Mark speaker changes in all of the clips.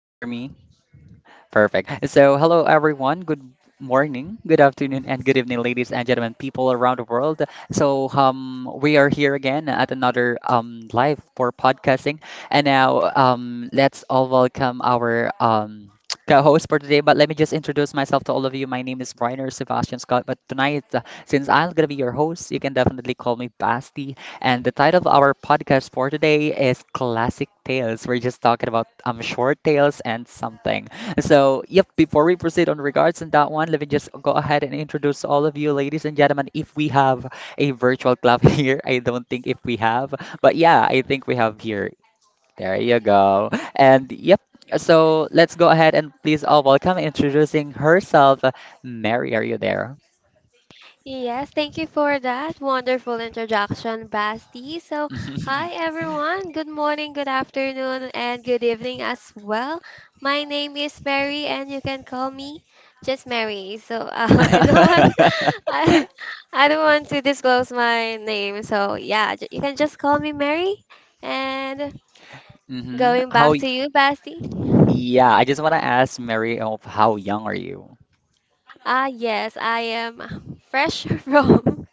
Speaker 1: can you hear me? Perfect. So, hello everyone. Good morning, good afternoon, and good evening, ladies and gentlemen, people around the world. So, we are here again at another live for podcasting, and now let's all welcome our co-host for today. But let me just introduce myself to all of you. My name is Reiner Sebastian Scott. But tonight, since I'm gonna be your host, you can definitely call me Basti. And the title of our podcast for today is Classic Tales. We're just talking about short tales and something. So, yep, before we proceed on regards on that one, let me just go ahead and introduce all of you, ladies and gentlemen, if we have a virtual club here. I don't think if we have, but yeah, I think we have here. There you go. And yep, so let's go ahead and please all welcome introducing herself. Mary, are you there?
Speaker 2: Yes, thank you for that wonderful introduction, Basti. So, hi everyone. Good morning, good afternoon, and good evening as well. My name is Mary, and you can call me just Mary. So, I don't want, I, I don't want to disclose my name. So, yeah, you can just call me Mary. And
Speaker 1: Hmm.
Speaker 2: going
Speaker 1: How,
Speaker 2: back to you, Basti.
Speaker 1: yeah, I just want to ask Mary of how young are you?
Speaker 2: Yes, I am fresh from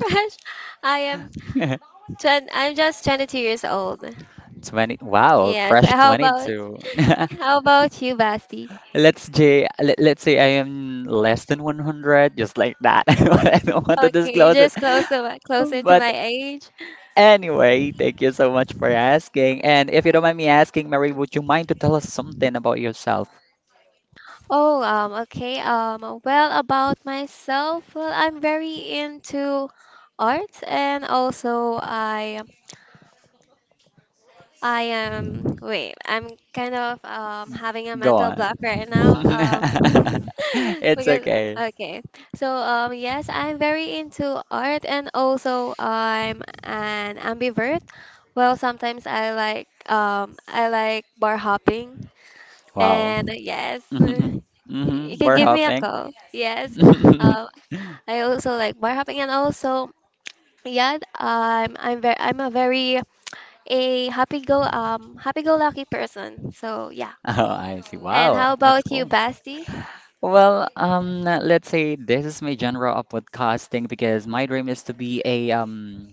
Speaker 2: fresh. I am I'm just 22 years old.
Speaker 1: 20, wow,
Speaker 2: Yes.
Speaker 1: fresh
Speaker 2: How about
Speaker 1: 22.
Speaker 2: how about you, Basti?
Speaker 1: Let's say I am less than 100, just like that. I don't want to
Speaker 2: Okay,
Speaker 1: disclose it.
Speaker 2: just closer to
Speaker 1: But
Speaker 2: my age.
Speaker 1: anyway, thank you so much for asking. And if you don't mind me asking, Mary, would you mind to tell us something about yourself?
Speaker 2: Oh, okay. Well, about myself, well, I'm very into arts and also I am, wait, I'm kind of having a
Speaker 1: Go
Speaker 2: mental block
Speaker 1: on.
Speaker 2: right now.
Speaker 1: It's
Speaker 2: Because,
Speaker 1: okay.
Speaker 2: okay. So, yes, I'm very into art and also I'm an ambivert. Well, sometimes I like bar hopping.
Speaker 1: Wow.
Speaker 2: And yes,
Speaker 1: Hmm,
Speaker 2: you
Speaker 1: hmm.
Speaker 2: can
Speaker 1: We're
Speaker 2: give me a
Speaker 1: hopping.
Speaker 2: call. Yes. Um, I also like bar hopping and also yeah, I'm a very a happy go lucky person. So yeah.
Speaker 1: Oh, I see.
Speaker 2: And
Speaker 1: Wow,
Speaker 2: how
Speaker 1: that's
Speaker 2: about you,
Speaker 1: cool.
Speaker 2: Basti?
Speaker 1: Well, let's say this is my genre of podcasting because my dream is to be a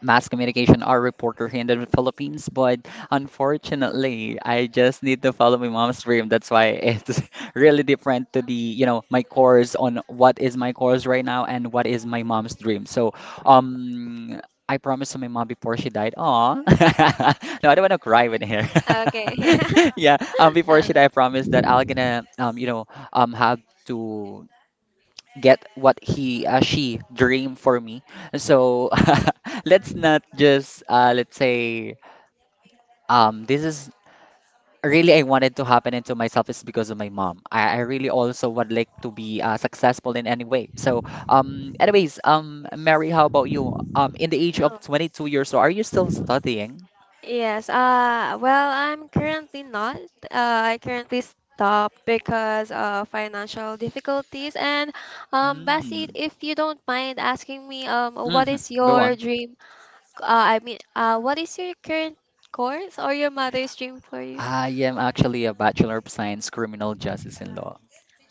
Speaker 1: mass communication or reporter here in the Philippines, but unfortunately, I just need to follow my mom's dream. That's why it's really different to the, my course on what is my course right now and what is my mom's dream. So, um, I promised to my mom before she died. Aw. No, I don't want to cry with here.
Speaker 2: Okay.
Speaker 1: Yeah. Before
Speaker 2: Uh,
Speaker 1: she died, I promised that I'll gonna, have to get what he she dreamed for me. So let's not just let's say this is really I wanted to happen into myself is because of my mom. I really also would like to be successful in any way. So anyways Mary, how about you? In the age of
Speaker 2: oh.
Speaker 1: 22 years old, are you still studying?
Speaker 2: Yes. Well, I'm currently not. Uh, I currently stop because of financial difficulties. And Basti,
Speaker 1: Mm.
Speaker 2: if you don't mind asking me, what
Speaker 1: Hmm.
Speaker 2: is
Speaker 1: Go
Speaker 2: your
Speaker 1: on.
Speaker 2: dream? Uh, I mean, what is your current course or your mother's dream for you?
Speaker 1: I am actually a Bachelor of Science, Criminal Justice in Law.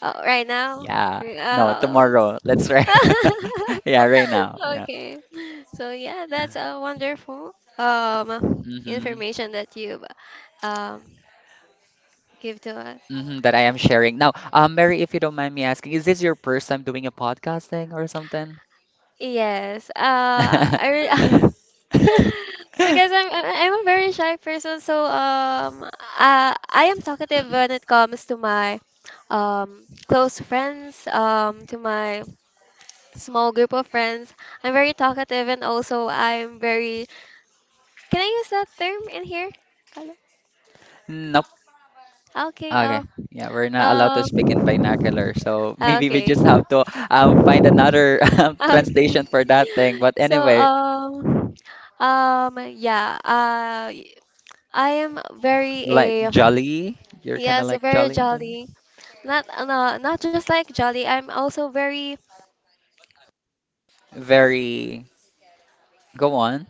Speaker 2: Right now?
Speaker 1: Yeah. No,
Speaker 2: Uh,
Speaker 1: tomorrow. Let's right. Yeah, right now. Yeah.
Speaker 2: Okay. So yeah, that's a wonderful
Speaker 1: Mm-hmm.
Speaker 2: information that you um give to us.
Speaker 1: Mm-hmm, that I am sharing. Now,
Speaker 2: Mhm.
Speaker 1: Mary, if you don't mind me asking, is this your first time doing a podcasting or something?
Speaker 2: Yes. I because I'm a very shy person, so I am talkative when it comes to my close friends, to my small group of friends. I'm very talkative and also I'm very can I use that term in here? Kalo?
Speaker 1: Nope.
Speaker 2: Okay.
Speaker 1: Okay. Yeah, we're not allowed to speak in
Speaker 2: Um.
Speaker 1: vernacular, so maybe we
Speaker 2: Okay.
Speaker 1: just have to find another
Speaker 2: Okay.
Speaker 1: translation for that thing. But
Speaker 2: So
Speaker 1: anyway,
Speaker 2: yeah I am very
Speaker 1: like
Speaker 2: a
Speaker 1: jolly, you're kind of
Speaker 2: yes
Speaker 1: like
Speaker 2: very
Speaker 1: jolly on the-
Speaker 2: jolly not no, not just like jolly. I'm also very
Speaker 1: Very. Go on.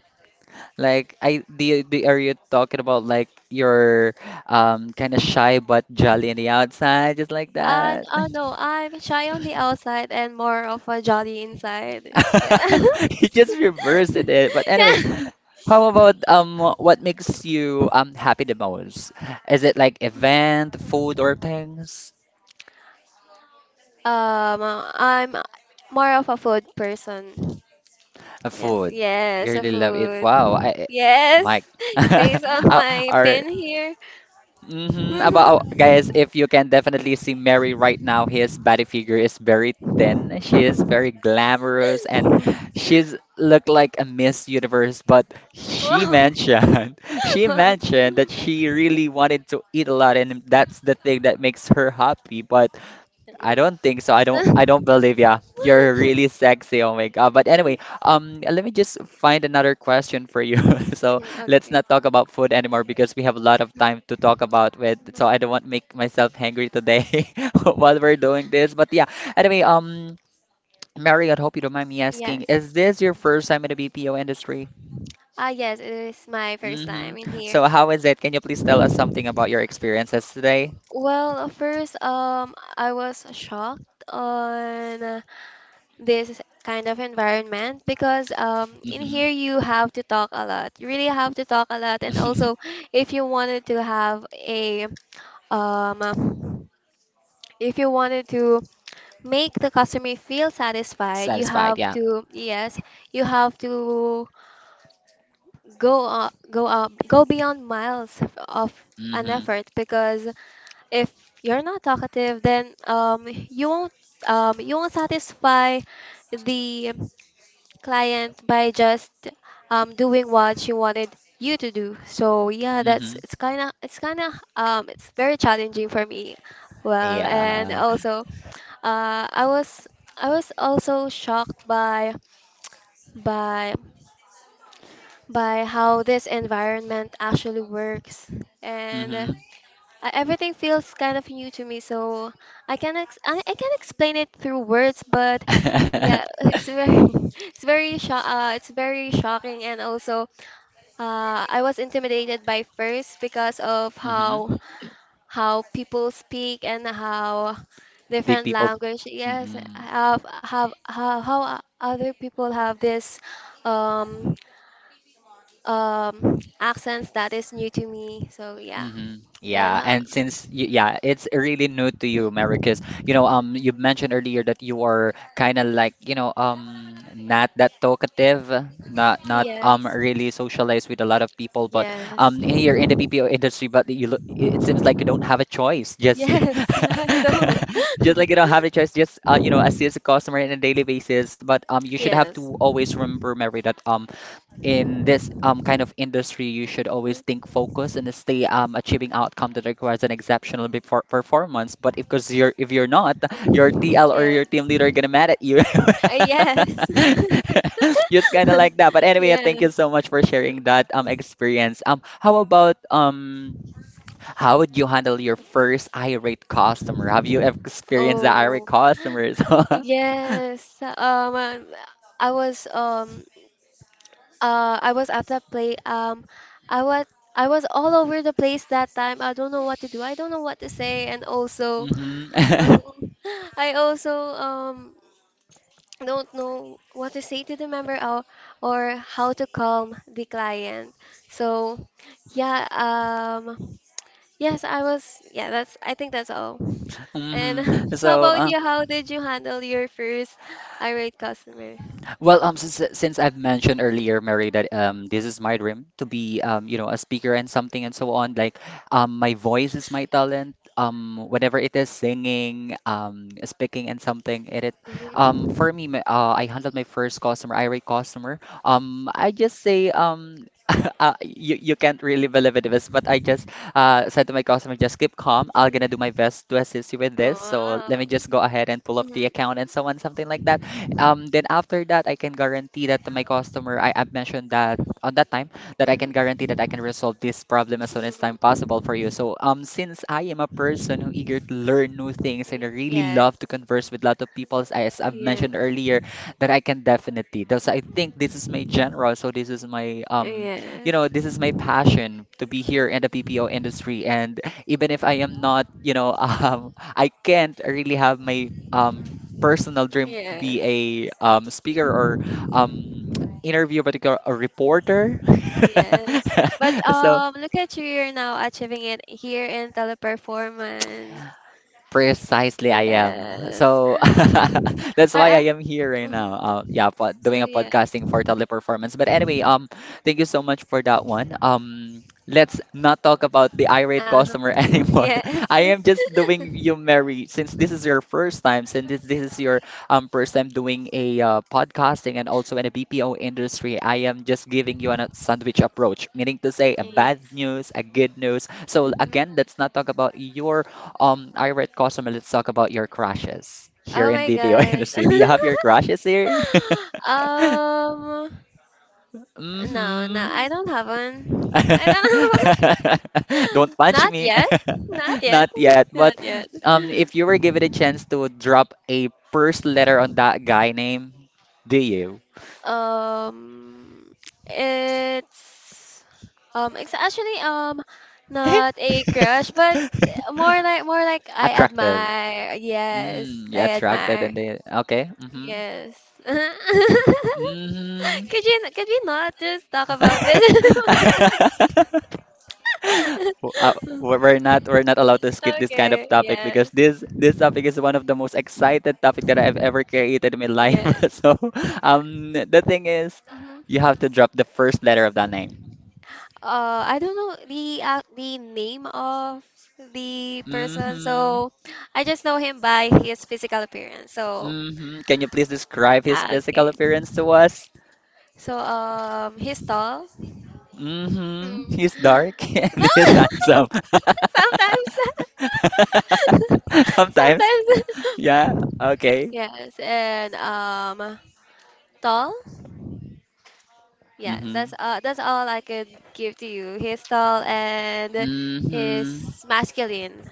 Speaker 1: Like I the Are you talking about like you're kind of shy but jolly on the outside, just like that?
Speaker 2: no, I'm shy on the outside and more of a jolly inside. Yeah,
Speaker 1: You just reversed it. But anyway,
Speaker 2: yeah,
Speaker 1: how about what makes you happy the most? Is it like event, food, or things?
Speaker 2: um I'm more of a food person. Yes,
Speaker 1: Food. You
Speaker 2: yes, a
Speaker 1: really love it.
Speaker 2: food.
Speaker 1: Wow, Mike.
Speaker 2: Yes, based on my
Speaker 1: Or
Speaker 2: pen here.
Speaker 1: about, oh, guys, if you can definitely see Mary right now, his body figure is very thin. She is very glamorous, and she's look like a Miss Universe. But she
Speaker 2: Wow.
Speaker 1: mentioned, she
Speaker 2: Wow.
Speaker 1: mentioned that she really wanted to eat a lot, and that's the thing that makes her happy. But I
Speaker 2: Mm.
Speaker 1: don't think so. I don't believe. Yeah, you're really sexy. Oh my God. But anyway, let me just find another question for you. So let's
Speaker 2: Okay.
Speaker 1: not talk about food anymore because we have a lot of time to talk about with so
Speaker 2: Mhm.
Speaker 1: I don't want to make myself hangry today while we're doing this. But yeah, anyway, Mary, I hope you don't mind me asking,
Speaker 2: Yes.
Speaker 1: is this your first time in the BPO industry?
Speaker 2: Yes, it is my first time
Speaker 1: Mm-hmm.
Speaker 2: in here.
Speaker 1: So how is it? Can you please tell us something about your experiences today?
Speaker 2: Well, first, I was shocked on this kind of environment because in
Speaker 1: Mm-hmm.
Speaker 2: here you have to talk a lot. You really have to talk a lot, and also if you wanted to have a um, if you wanted to make the customer feel satisfied, you
Speaker 1: Satisfied,
Speaker 2: have
Speaker 1: yeah.
Speaker 2: to yes, you have to go up, go beyond miles of an
Speaker 1: Mm-hmm.
Speaker 2: effort, because if you're not talkative, then you won't satisfy the client by just doing what she wanted you to do. So yeah, that's
Speaker 1: Mm-hmm.
Speaker 2: it's kind of it's very challenging for me. Well, and
Speaker 1: Yeah.
Speaker 2: also uh, I was I was also shocked by by how this environment actually works. And
Speaker 1: Mhm.
Speaker 2: everything feels kind of new to me, so I can explain it through words, but
Speaker 1: Mhm.
Speaker 2: yeah, it's very it's very sho it's very shocking. And also I was intimidated by first because of how people speak and how
Speaker 1: The
Speaker 2: different
Speaker 1: people.
Speaker 2: language yes
Speaker 1: Mm-mm.
Speaker 2: have how other people have this um accents that is new to me. So yeah,
Speaker 1: Hmm.
Speaker 2: and
Speaker 1: Yeah,
Speaker 2: how.
Speaker 1: and since you, yeah, it's really new to you, Mary,
Speaker 2: Mhm,
Speaker 1: because you mentioned earlier that you are kind of like not that talkative, not
Speaker 2: yes.
Speaker 1: really socialized with a lot of people, but
Speaker 2: Yes.
Speaker 1: here in the BPO industry, but you look, it seems like you don't have a choice, just
Speaker 2: Yes. I don't.
Speaker 1: just like you don't have a choice, just assist the customer on a daily basis. But you should have
Speaker 2: Yes.
Speaker 1: to always remember, Mary, that in this kind of industry, you should always
Speaker 2: Mhm.
Speaker 1: think focus and stay achieving outcome that requires an exceptional before performance. But if because you're if you're not, your
Speaker 2: Mhm.
Speaker 1: TL or your team
Speaker 2: Yes.
Speaker 1: leader are gonna mad at you.
Speaker 2: Yes.
Speaker 1: Just kind of like that. But anyway,
Speaker 2: Yes.
Speaker 1: thank you so much for sharing that experience. How about How would you handle your first irate customer? Have you ever experienced the irate
Speaker 2: Oh,
Speaker 1: customers? Mm-hmm.
Speaker 2: yes. I was um I was at the play. I was I was all over the place that time. I don't know what to do. I don't know what to say, and also um, I also don't know what to say to the member, or how to calm the client. So, yeah, um, yes, I was, yeah, that's, I think that's all. And
Speaker 1: Mm-hmm.
Speaker 2: how
Speaker 1: So,
Speaker 2: about you? How did you handle your first irate customer?
Speaker 1: well, since I've mentioned earlier, Mary, that this is my dream to be a speaker and something and so on. Like, my voice is my talent. Whatever it is, singing, speaking and something, it
Speaker 2: Mm-hmm.
Speaker 1: for me, I handled my first customer, irate customer. I just say. You can't really believe it, Ives, but I just said to my customer, just keep calm. I'm gonna do
Speaker 2: Mm-hmm.
Speaker 1: my best to assist you with this. So let
Speaker 2: Wow.
Speaker 1: me just go ahead and pull up
Speaker 2: Mm-hmm.
Speaker 1: the account and so on, something like that. Then after that, I can guarantee that to my customer, I have mentioned that on that time that I can guarantee that I can resolve this problem as soon as time
Speaker 2: Mm-hmm.
Speaker 1: possible for you. So since I am a person who eager to learn new things and I really
Speaker 2: Yes.
Speaker 1: love to converse with a lot of people, as I've mentioned
Speaker 2: Yes.
Speaker 1: earlier, that I can definitely. Thus, I think this is my general. So this is my you
Speaker 2: Yes.
Speaker 1: know, this is my passion to be here in the
Speaker 2: Mm-hmm.
Speaker 1: PPO industry. And even if I am not, I can't really have my personal dream to
Speaker 2: Yes.
Speaker 1: be a speaker or um, interview, but a reporter.
Speaker 2: Yes. But
Speaker 1: So
Speaker 2: look at you, you're now achieving it here in Teleperformance.
Speaker 1: precisely, I am.
Speaker 2: Yes.
Speaker 1: So that's
Speaker 2: I
Speaker 1: why
Speaker 2: am.
Speaker 1: I am here right now.
Speaker 2: Hmm.
Speaker 1: Yeah,
Speaker 2: Oh
Speaker 1: doing a
Speaker 2: yeah.
Speaker 1: podcasting for teleperformance. But anyway, thank you so much for that one. Let's not talk about the irate
Speaker 2: Uh-huh.
Speaker 1: customer anymore.
Speaker 2: Yes.
Speaker 1: I am just doing you, Mary, since this is your first time, since this is your first time doing a podcasting and also in a BPO industry. I am just giving you a sandwich approach, meaning to say a
Speaker 2: Yeah.
Speaker 1: bad news, a good news. So
Speaker 2: Hmm.
Speaker 1: again, let's not talk about your Irate Cosmo, let's talk about your crushes here
Speaker 2: Oh
Speaker 1: in
Speaker 2: my
Speaker 1: BPO
Speaker 2: God.
Speaker 1: industry. Do you have your crushes here?
Speaker 2: Um, no, no,
Speaker 1: Hmm.
Speaker 2: I don't have one. I don't have
Speaker 1: Don't
Speaker 2: one.
Speaker 1: punch
Speaker 2: Not
Speaker 1: me.
Speaker 2: yet. Not yet.
Speaker 1: Not yet.
Speaker 2: Not
Speaker 1: But
Speaker 2: yet.
Speaker 1: if you were given a chance to drop a first letter on that guy name, do you?
Speaker 2: Um, it's it's actually not a crush, but more like I
Speaker 1: Attractive.
Speaker 2: admire. Yes,
Speaker 1: Mm, yeah,
Speaker 2: I
Speaker 1: attracted
Speaker 2: admire.
Speaker 1: and they okay.
Speaker 2: Yes. Could
Speaker 1: Mm-hmm.
Speaker 2: you, could we not just talk about this?
Speaker 1: Mm-hmm. W- uh, we're we're not we're not allowed to skip this kind of
Speaker 2: Okay.
Speaker 1: topic because
Speaker 2: Yes.
Speaker 1: this topic is one of the most excited topic that I've ever created in my life.
Speaker 2: Yes.
Speaker 1: So, the thing is,
Speaker 2: Hmm.
Speaker 1: you have to drop the first letter of that name.
Speaker 2: I don't know the name of the person,
Speaker 1: Mm-hmm.
Speaker 2: so I just know him by his physical appearance. So,
Speaker 1: Mm-hmm. Can you please describe his
Speaker 2: ah,
Speaker 1: physical
Speaker 2: okay.
Speaker 1: appearance to us?
Speaker 2: So, he's tall. Mm.
Speaker 1: Mm-hmm. He's dark
Speaker 2: No,
Speaker 1: and he's handsome.
Speaker 2: sometimes,
Speaker 1: Sometimes.
Speaker 2: sometimes.
Speaker 1: Yeah. Okay.
Speaker 2: Yes, and tall. Yeah,
Speaker 1: Mm-hmm.
Speaker 2: that's all I could give to you. He's tall and
Speaker 1: Mm-hmm.
Speaker 2: he's masculine.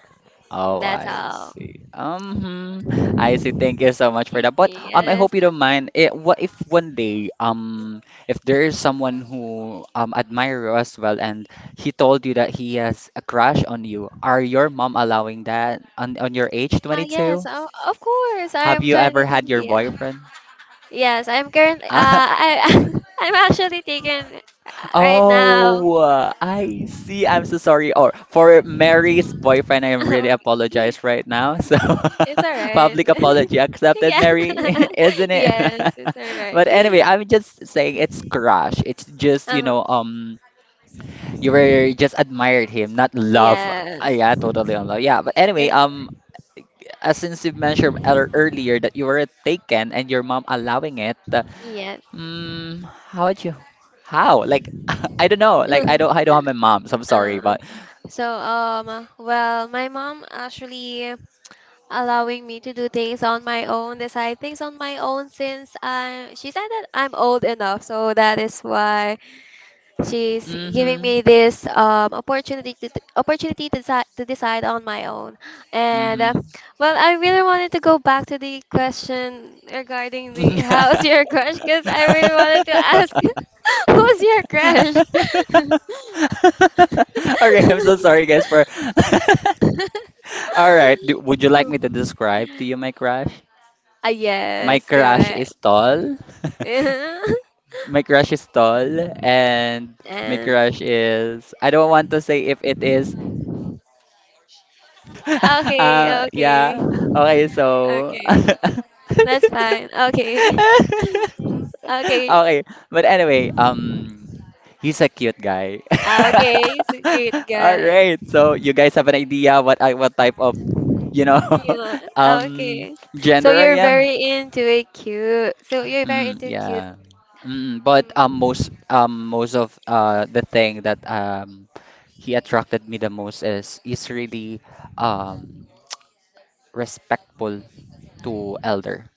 Speaker 1: Oh,
Speaker 2: That's
Speaker 1: I
Speaker 2: all.
Speaker 1: see. Hmm. I see. Thank you so much for that. But I
Speaker 2: Yes.
Speaker 1: hope you don't mind. It, what if one day if there is someone who admire you as well, and he told you that he has a crush on you, are your mom allowing that on your age,
Speaker 2: Yes.
Speaker 1: 22?
Speaker 2: Oh, of course.
Speaker 1: Have
Speaker 2: I'm
Speaker 1: you
Speaker 2: 20.
Speaker 1: ever had your
Speaker 2: Yeah.
Speaker 1: boyfriend?
Speaker 2: Yes, I'm currently I I'm actually taken right now.
Speaker 1: Oh, I see. I'm so sorry. Or for Mary's boyfriend, I really
Speaker 2: Okay.
Speaker 1: apologize right now. So,
Speaker 2: It's all right.
Speaker 1: public apology accepted,
Speaker 2: Yeah.
Speaker 1: Mary, isn't it?
Speaker 2: Yes, it's all right.
Speaker 1: But anyway, I'm just saying it's crush. It's just,
Speaker 2: Uh-huh.
Speaker 1: you were just admired him, not love. Ah,
Speaker 2: Yes.
Speaker 1: yeah, totally on love. Yeah, but anyway,
Speaker 2: It's
Speaker 1: since you mentioned earlier that you were taken and your mom allowing it,
Speaker 2: yes.
Speaker 1: mm, how about you? How? Like, I don't know. Like, I don't, I don't have my mom, so I'm sorry,
Speaker 2: Uh,
Speaker 1: but.
Speaker 2: so, well, my mom actually allowing me to do things on my own, decide things on my own, since I, she said that I'm old enough. So that is why she's giving
Speaker 1: Mm-hmm.
Speaker 2: me this opportunity to, to decide on my own. And
Speaker 1: Mm-hmm.
Speaker 2: well, I really wanted to go back to the question regarding the how's your crush, because I really wanted to ask who's your crush.
Speaker 1: Okay, I'm so sorry, guys, for. All right, would you like me to describe to you my crush? My
Speaker 2: Yes, go
Speaker 1: crush
Speaker 2: ahead.
Speaker 1: is tall. My crush is tall, and my crush
Speaker 2: And
Speaker 1: is. I don't want to say if it is. Ah,
Speaker 2: okay, okay,
Speaker 1: yeah. Okay, so.
Speaker 2: okay. That's fine. Okay. Okay.
Speaker 1: Okay, but anyway, he's a cute guy.
Speaker 2: Okay. He's a cute
Speaker 1: All
Speaker 2: guy.
Speaker 1: right. So you guys have an idea what I what type of, you know,
Speaker 2: Yeah.
Speaker 1: um
Speaker 2: Okay. So
Speaker 1: gender
Speaker 2: you're
Speaker 1: I am?
Speaker 2: very into it cute. So you're very
Speaker 1: Mm,
Speaker 2: into cute.
Speaker 1: yeah. But um
Speaker 2: Mm.
Speaker 1: most um most of the thing that he attracted me the most is really um respectful to elder.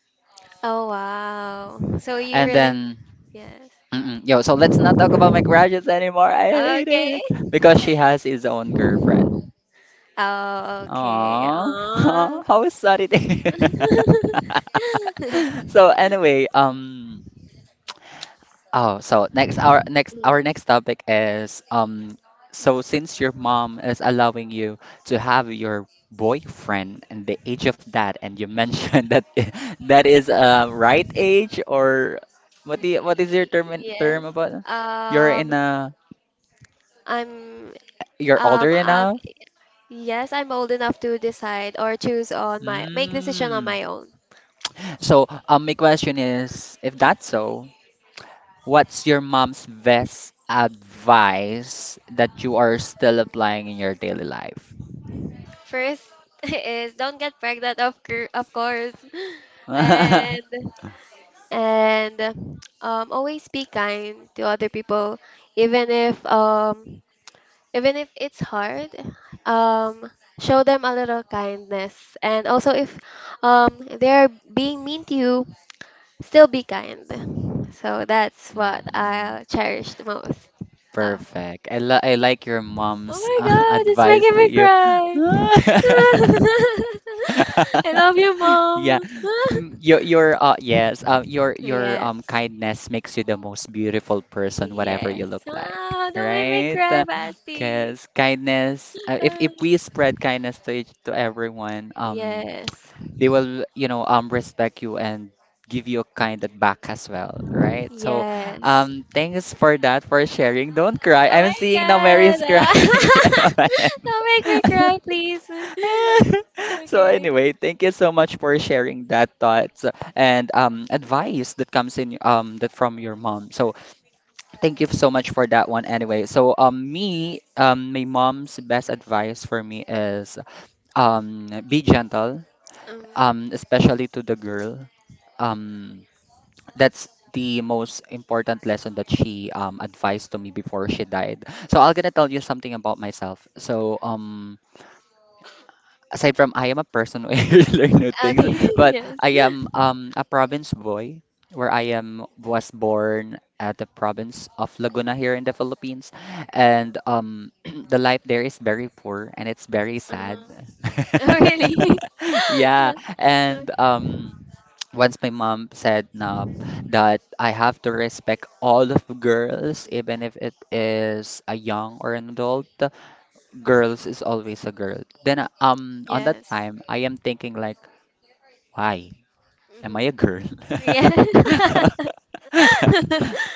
Speaker 2: Oh wow. So you
Speaker 1: And
Speaker 2: really
Speaker 1: then,
Speaker 2: yes.
Speaker 1: mm-mm, yo, so let's not talk about my crushes anymore. I hate
Speaker 2: Okay.
Speaker 1: it because she has his own girlfriend.
Speaker 2: Oh, okay. Aw.
Speaker 1: Aww, how sad it is. So anyway, oh, so next our next
Speaker 2: Mm,
Speaker 1: our next topic is, so since your mom is allowing you to have your boyfriend, and the age of that, and you mentioned that is, right age, or what is your term
Speaker 2: yes.
Speaker 1: term about it? You're in
Speaker 2: Um,
Speaker 1: a
Speaker 2: I'm
Speaker 1: You're older
Speaker 2: I'm
Speaker 1: enough?
Speaker 2: Yes, I'm old enough to decide or choose on my, make decision on
Speaker 1: Mm.
Speaker 2: my own.
Speaker 1: So my question is, if that's so, what's your mom's best advice that you are still applying in your daily life?
Speaker 2: First is don't get pregnant, of course. And and always be kind to other people, even if um even if it's hard. Um show them a little kindness, and also if they're being mean to you, still be kind. So that's what
Speaker 1: Mm,
Speaker 2: I'll cherish the most. uh,
Speaker 1: perfect. I like your
Speaker 2: Oh
Speaker 1: mom's
Speaker 2: my god, it's
Speaker 1: advice
Speaker 2: making
Speaker 1: to
Speaker 2: me
Speaker 1: you.
Speaker 2: cry. I love you,
Speaker 1: Yeah.
Speaker 2: mom.
Speaker 1: Your
Speaker 2: Yes.
Speaker 1: kindness makes you the most beautiful person whatever
Speaker 2: Yes.
Speaker 1: you look like,
Speaker 2: Ah, don't make me
Speaker 1: right?
Speaker 2: cry, Basti.
Speaker 1: Because kindness, if
Speaker 2: Ah,
Speaker 1: if we spread kindness to each, to everyone,
Speaker 2: yes.
Speaker 1: they will, respect you, and give you a kind of back as well, right? So
Speaker 2: Yes.
Speaker 1: thanks for that, for sharing. Don't cry.
Speaker 2: Oh
Speaker 1: I'm
Speaker 2: my
Speaker 1: seeing now, Mary is
Speaker 2: god.
Speaker 1: crying.
Speaker 2: Ah, don't make me cry, please.
Speaker 1: So
Speaker 2: Okay.
Speaker 1: anyway, thank you so much for sharing that thoughts, and advice that comes in, that from your mom. So thank you so much for that one. Anyway, so me, my mom's best advice for me is, be gentle,
Speaker 2: Um,
Speaker 1: especially to the girl, um that's the most important lesson that she advised to me before she died. So I'm gonna tell you something about myself. So aside from, I am a person who learn new things,
Speaker 2: okay.
Speaker 1: but
Speaker 2: Yes.
Speaker 1: I am a province boy, where I am was born at the province of Laguna here in the Philippines. And the life there is very poor, and it's very
Speaker 2: Um,
Speaker 1: sad.
Speaker 2: oh, really?
Speaker 1: Yeah.
Speaker 2: No, no.
Speaker 1: And once my mom said na that I have to respect all of girls, even if it is a young or an adult, girls is always a girl. Then on that
Speaker 2: Yes.
Speaker 1: time I am thinking like, why? Am I
Speaker 2: Mhm.
Speaker 1: a girl?
Speaker 2: Yeah.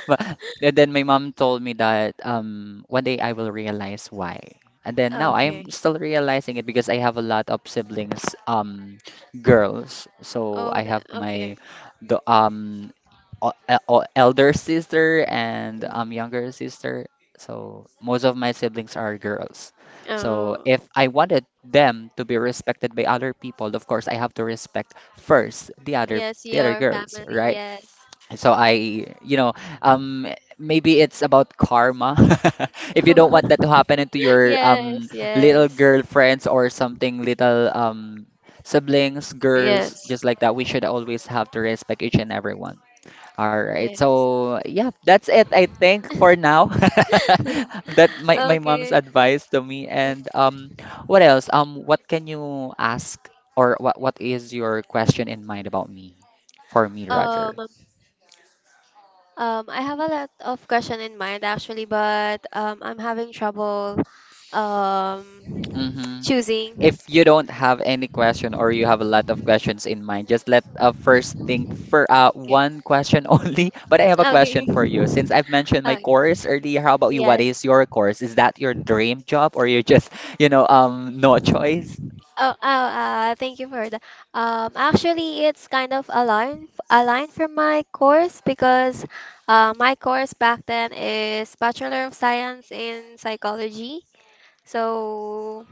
Speaker 1: but And then my mom told me that, one day I will realize why. And then now
Speaker 2: Okay.
Speaker 1: I'm still realizing it, because I have a lot of siblings, girls. So
Speaker 2: Oh,
Speaker 1: I
Speaker 2: the,
Speaker 1: have
Speaker 2: okay.
Speaker 1: my the o- e- o- elder sister, and
Speaker 2: Hmm.
Speaker 1: younger sister. So most of my siblings are girls. So
Speaker 2: Oh,
Speaker 1: if I wanted them to be respected by other people, of course I have to respect first the other,
Speaker 2: yes, your
Speaker 1: girls,
Speaker 2: family.
Speaker 1: right?
Speaker 2: Yes.
Speaker 1: So I, um, maybe it's about karma. If you don't want that to happen into your
Speaker 2: Yes,
Speaker 1: little
Speaker 2: yes,
Speaker 1: girlfriends or something, little siblings, girls,
Speaker 2: yes,
Speaker 1: just like that, we should always have to respect each and every one. All right.
Speaker 2: yes.
Speaker 1: So, yeah, that's it, I think, for now. That my mom's
Speaker 2: Okay.
Speaker 1: advice to me. And what else? What can you ask, or what is your question in mind about me? For me,
Speaker 2: Um,
Speaker 1: rather.
Speaker 2: I have a lot of question in mind actually, but I'm having trouble um choosing.
Speaker 1: If you don't have any question, or you have a lot of questions in mind, just let first think for
Speaker 2: Mm, okay.
Speaker 1: one question only. But I have a
Speaker 2: Okay.
Speaker 1: question for you. Since I've mentioned my
Speaker 2: Uh,
Speaker 1: course earlier, how about you? What is
Speaker 2: yes.
Speaker 1: your course? Is that your dream job, or you just, no choice?
Speaker 2: Oh, oh, thank you for that. Actually, it's kind of a line, from my course, because my course back then is Bachelor of Science in Psychology. So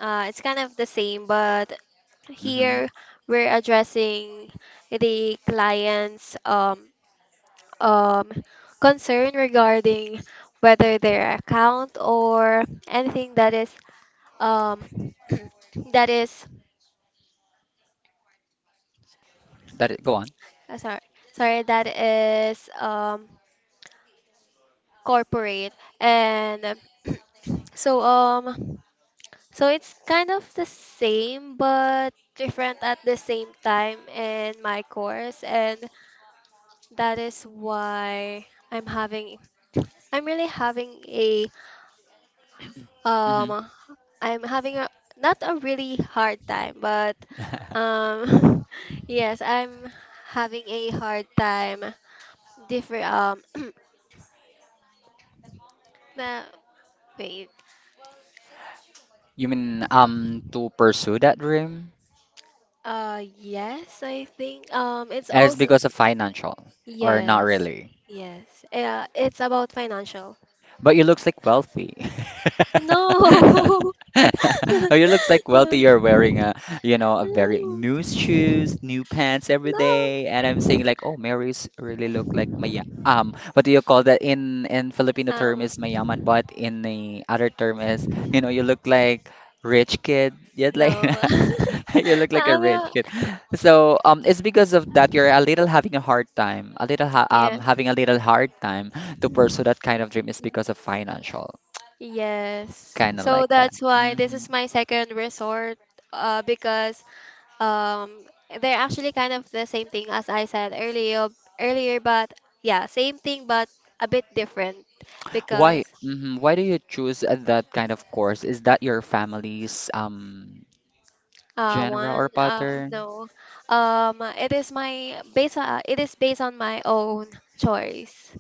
Speaker 2: it's kind of the same, but
Speaker 1: Mm-hmm.
Speaker 2: here we're addressing the client's um, concern regarding whether their account or anything that is um, that is
Speaker 1: Go on.
Speaker 2: Sorry, that is corporate. And so so it's kind of the same but different at the same time in my course. And that is why I'm having I'm really having a
Speaker 1: Mm-hmm.
Speaker 2: um I'm having a, not a really hard time, but um yes, I'm having a hard time different, the, wait.
Speaker 1: You mean to pursue that dream?
Speaker 2: Yes, I think. It's
Speaker 1: As
Speaker 2: also
Speaker 1: because of financial, or not
Speaker 2: yes,
Speaker 1: really?
Speaker 2: yes. Yeah, it's about financial.
Speaker 1: But you looks like wealthy.
Speaker 2: No,
Speaker 1: Oh, you looks like
Speaker 2: no,
Speaker 1: wealthy. You're wearing a very
Speaker 2: no,
Speaker 1: new shoes, new pants every
Speaker 2: no.
Speaker 1: day, and I'm saying like, oh, Mary's really look like Maya. What do you call that in Filipino term
Speaker 2: Um,
Speaker 1: is mayaman, but in the other term is, you look like rich kid. Yet like
Speaker 2: no.
Speaker 1: you look like
Speaker 2: I
Speaker 1: a rich
Speaker 2: will.
Speaker 1: kid. So it's because of that you're a little having a hard time, a little ha
Speaker 2: Yes.
Speaker 1: having a little hard time to pursue
Speaker 2: Mhm.
Speaker 1: that kind of dream, is because of financial,
Speaker 2: Yes.
Speaker 1: kind of
Speaker 2: So
Speaker 1: like that.
Speaker 2: that's why this is my second resort, because Um, they're actually kind of the same thing as I said earlier, but yeah, same thing, but a bit different because
Speaker 1: Why? Why do you choose that kind of course? Is that your family's genre or pattern?
Speaker 2: no, it is my based on, it is based on my own choice,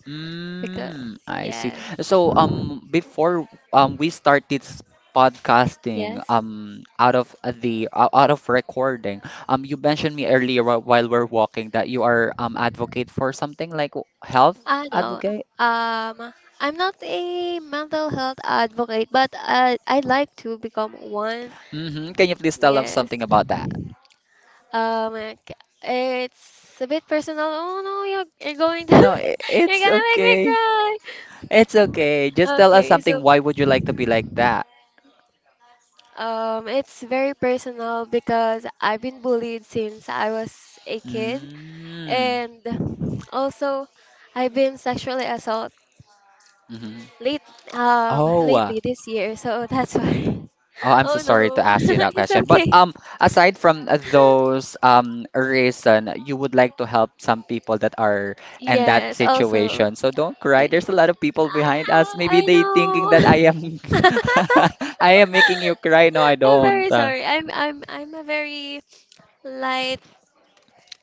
Speaker 2: because
Speaker 1: Mm, I see.
Speaker 2: yes,
Speaker 1: So before we start this podcasting,
Speaker 2: yes,
Speaker 1: out of recording, you mentioned me earlier, while we're walking, that you are advocate for something like health
Speaker 2: I know.
Speaker 1: advocate.
Speaker 2: Um, I'm not a mental health advocate, but I'd like to become one.
Speaker 1: Mm-hmm. Can you please tell us something
Speaker 2: Yes.
Speaker 1: about that?
Speaker 2: Like, it's a bit personal. Oh no, you're going to
Speaker 1: No,
Speaker 2: you're
Speaker 1: it's
Speaker 2: gonna make me
Speaker 1: okay.
Speaker 2: cry.
Speaker 1: It's okay. Just tell us
Speaker 2: Okay,
Speaker 1: something.
Speaker 2: so
Speaker 1: Why would you like to be like that?
Speaker 2: it's very personal because I've been bullied since I was a kid,
Speaker 1: Mm.
Speaker 2: and also I've been sexually assaulted
Speaker 1: hmm
Speaker 2: late
Speaker 1: Oh,
Speaker 2: lately this year. So that's why.
Speaker 1: oh, I'm so
Speaker 2: Oh
Speaker 1: sorry to
Speaker 2: no,
Speaker 1: ask you that
Speaker 2: it's
Speaker 1: question. But
Speaker 2: okay.
Speaker 1: aside from those reason, you would like to help some people that are in that
Speaker 2: Yes, also.
Speaker 1: situation. So don't cry.
Speaker 2: Yes.
Speaker 1: There's a lot of people behind us.
Speaker 2: Ah,
Speaker 1: Maybe
Speaker 2: I
Speaker 1: they thinking that I am
Speaker 2: know.
Speaker 1: I am making you cry. No, I
Speaker 2: I'm
Speaker 1: don't.
Speaker 2: very sorry. I'm a very light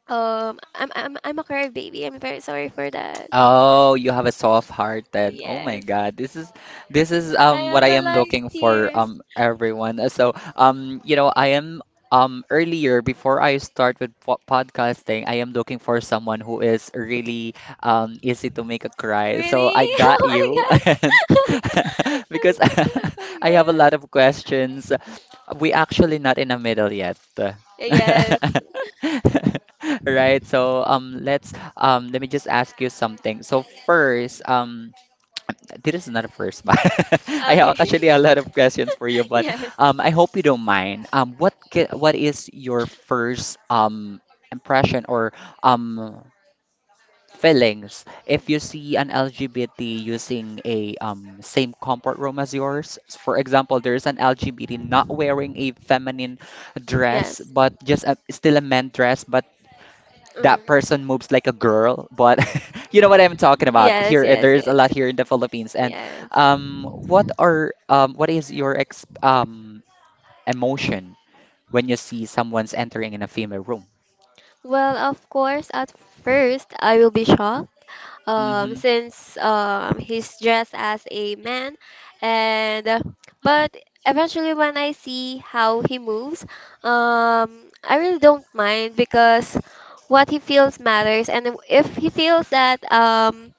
Speaker 2: I'm a curved baby. I'm very sorry for that.
Speaker 1: Oh, you have a soft-hearted. Oh my
Speaker 2: Yes.
Speaker 1: God, this is
Speaker 2: I
Speaker 1: what
Speaker 2: am
Speaker 1: I
Speaker 2: a
Speaker 1: am
Speaker 2: light
Speaker 1: looking for,
Speaker 2: tears.
Speaker 1: everyone. So I am, earlier before I start with po podcasting, I am looking for someone who is really easy to make a cry. So
Speaker 2: Really?
Speaker 1: I
Speaker 2: Oh
Speaker 1: got you, and
Speaker 2: my god.
Speaker 1: because
Speaker 2: Oh my
Speaker 1: I have a
Speaker 2: god.
Speaker 1: lot of questions. We actually not in the middle yet.
Speaker 2: Yes.
Speaker 1: Right, so let me just ask you something. So first, this is not a first, but I
Speaker 2: Okay.
Speaker 1: have actually a lot of questions for you. But
Speaker 2: Yes.
Speaker 1: I hope you don't mind. What what is your first impression, or um feelings, if you see an LGBT using a same comfort room as yours? For example, there's an LGBT not wearing a feminine dress,
Speaker 2: Yes.
Speaker 1: but still a men dress, but that
Speaker 2: Mm.
Speaker 1: person moves like a girl, but you know what I'm talking about.
Speaker 2: Yes,
Speaker 1: Here,
Speaker 2: yes,
Speaker 1: there's a
Speaker 2: yes.
Speaker 1: lot here in the Philippines. And
Speaker 2: Yes.
Speaker 1: what is your ex emotion when you see someone's entering in a female room?
Speaker 2: Well, of course, at first I will be shocked,
Speaker 1: Mm-hmm.
Speaker 2: since he's dressed as a man, and but eventually when I see how he moves, I really don't mind because what he feels matters, and if he feels that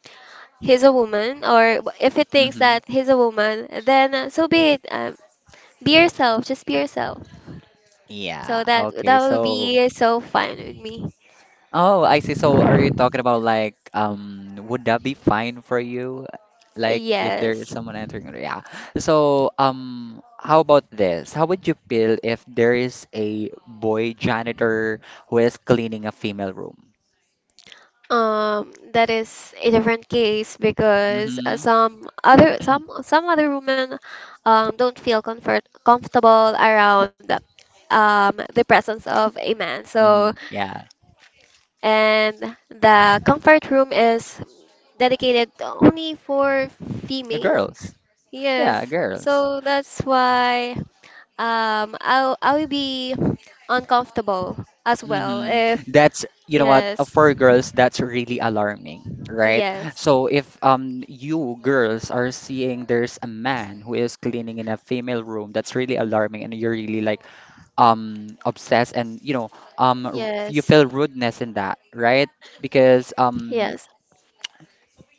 Speaker 2: he's a woman, or if he thinks
Speaker 1: Mm-hmm.
Speaker 2: that he's a woman, then so be it. Be yourself, just be yourself.
Speaker 1: Yeah.
Speaker 2: So that
Speaker 1: Okay.
Speaker 2: that will be so fine with me.
Speaker 1: Oh, I see. So are you talking about like would that be fine for you? Like, if there
Speaker 2: Yes.
Speaker 1: is someone entering, yeah. So how about this? How would you feel if there is a boy janitor who is cleaning a female room?
Speaker 2: That is a different case because
Speaker 1: Mm-hmm.
Speaker 2: some other women don't feel comfortable around the presence of a man.
Speaker 1: Mm-hmm.
Speaker 2: So,
Speaker 1: Yeah.
Speaker 2: and the comfort room is dedicated only for female.
Speaker 1: Girls.
Speaker 2: Yes.
Speaker 1: Yeah, girls.
Speaker 2: So that's why I will be uncomfortable as well
Speaker 1: hmm
Speaker 2: if
Speaker 1: That's, you know what,
Speaker 2: yes,
Speaker 1: for girls, that's really alarming, right?
Speaker 2: yes,
Speaker 1: So if you girls are seeing there's a man who is cleaning in a female room, that's really alarming, and you're really like obsessed, and you
Speaker 2: yes,
Speaker 1: feel rudeness in that, right? Because
Speaker 2: yes.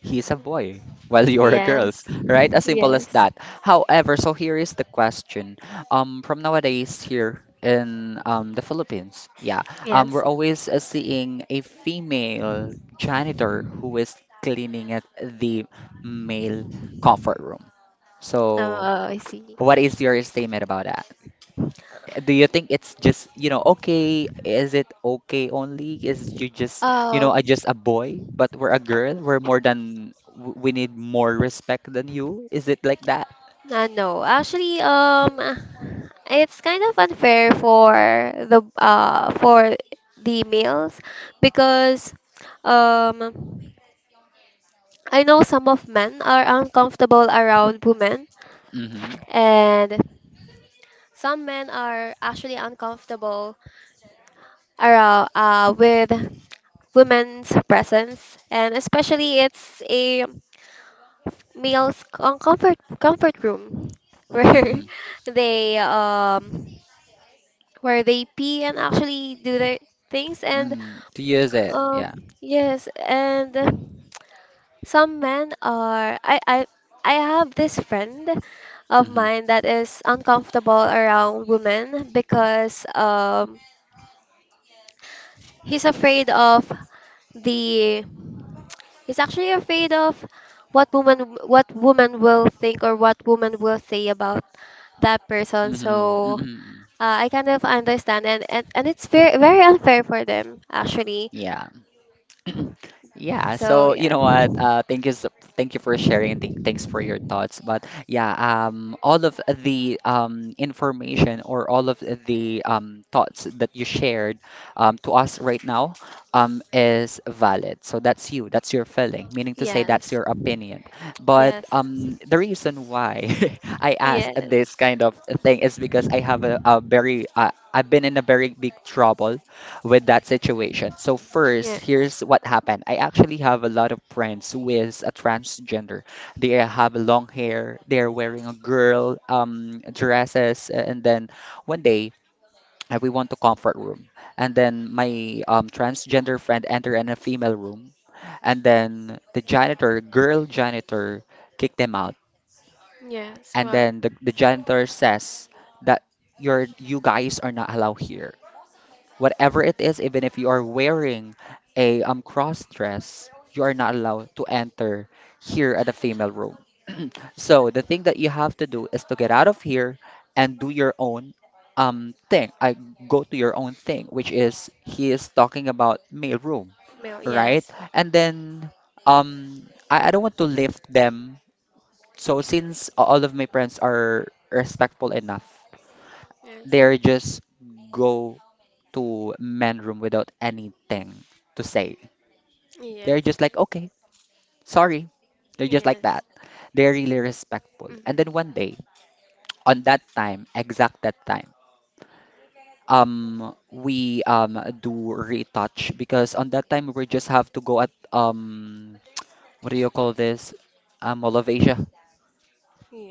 Speaker 1: he's a boy, while you're a girls,
Speaker 2: Yes.
Speaker 1: right? As simple as
Speaker 2: Yes.
Speaker 1: that. However, so here is the question. From nowadays here in, the Philippines, yeah,
Speaker 2: Yes.
Speaker 1: we're always seeing a female janitor who is cleaning at the male comfort room. So,
Speaker 2: Oh, I see.
Speaker 1: what is your statement about that? Do you think it's just, okay? Is it okay only? Is you just,
Speaker 2: Um,
Speaker 1: I just a boy, but we're a girl. We're more than, we need more respect than you. Is it like that?
Speaker 2: no. Actually, it's kind of unfair for the uh for the males because um I know some of men are uncomfortable around women,
Speaker 1: Mm-hmm.
Speaker 2: and some men are actually uncomfortable around with women's presence, and especially it's a male's on comfort room
Speaker 1: Mm-hmm.
Speaker 2: where they um where they pee and actually do their things. And
Speaker 1: Mm. To use it.
Speaker 2: um
Speaker 1: Yeah.
Speaker 2: yes, and some men are I have this friend of
Speaker 1: Mm-hmm.
Speaker 2: mine that is uncomfortable around women because he's afraid of the, he's actually afraid of what woman will think or what woman will say about that person.
Speaker 1: Mm-hmm.
Speaker 2: So
Speaker 1: Mm-hmm.
Speaker 2: I kind of understand, and it's very very unfair for them actually.
Speaker 1: Yeah. Yeah,
Speaker 2: So
Speaker 1: so you
Speaker 2: yeah.
Speaker 1: know what? Thank you for sharing. And thanks for your thoughts. But yeah, all of the information, or all of the thoughts that you shared to us right now is valid. So that's you. That's your feeling. Meaning to say, that's
Speaker 2: Yes.
Speaker 1: your opinion. But
Speaker 2: Yes.
Speaker 1: the reason why I ask
Speaker 2: Yes.
Speaker 1: this kind of thing is because I have a very I've been in a very big trouble with that situation. So first,
Speaker 2: Yeah.
Speaker 1: here's what happened. I actually have a lot of friends with a transgender. They have long hair. They're wearing a girl dresses, and then one day we went to comfort room, and then my transgender friend entered in a female room, and then the janitor, girl janitor, kicked them out,
Speaker 2: Yes.
Speaker 1: and
Speaker 2: Why?
Speaker 1: then the janitor says that you guys are not allowed here whatever it is, even if you are wearing a cross dress, you are not allowed to enter here at the female room. So the thing that you have to do is to get out of here and do your own thing. I go to your own thing, which is he is talking about male room,
Speaker 2: Well,
Speaker 1: right?
Speaker 2: yes.
Speaker 1: And then um I don't want to lift them. So since all of my friends are respectful enough,
Speaker 2: Yes.
Speaker 1: they're just go to men room without anything to say. They're
Speaker 2: Yes.
Speaker 1: just like, okay, sorry. They're just like that.
Speaker 2: Yes.
Speaker 1: They're really respectful. And then
Speaker 2: hmm
Speaker 1: one day, on that time, exact that time, we do retouch because on that time we just have to go at what do you call this? Mall of Asia.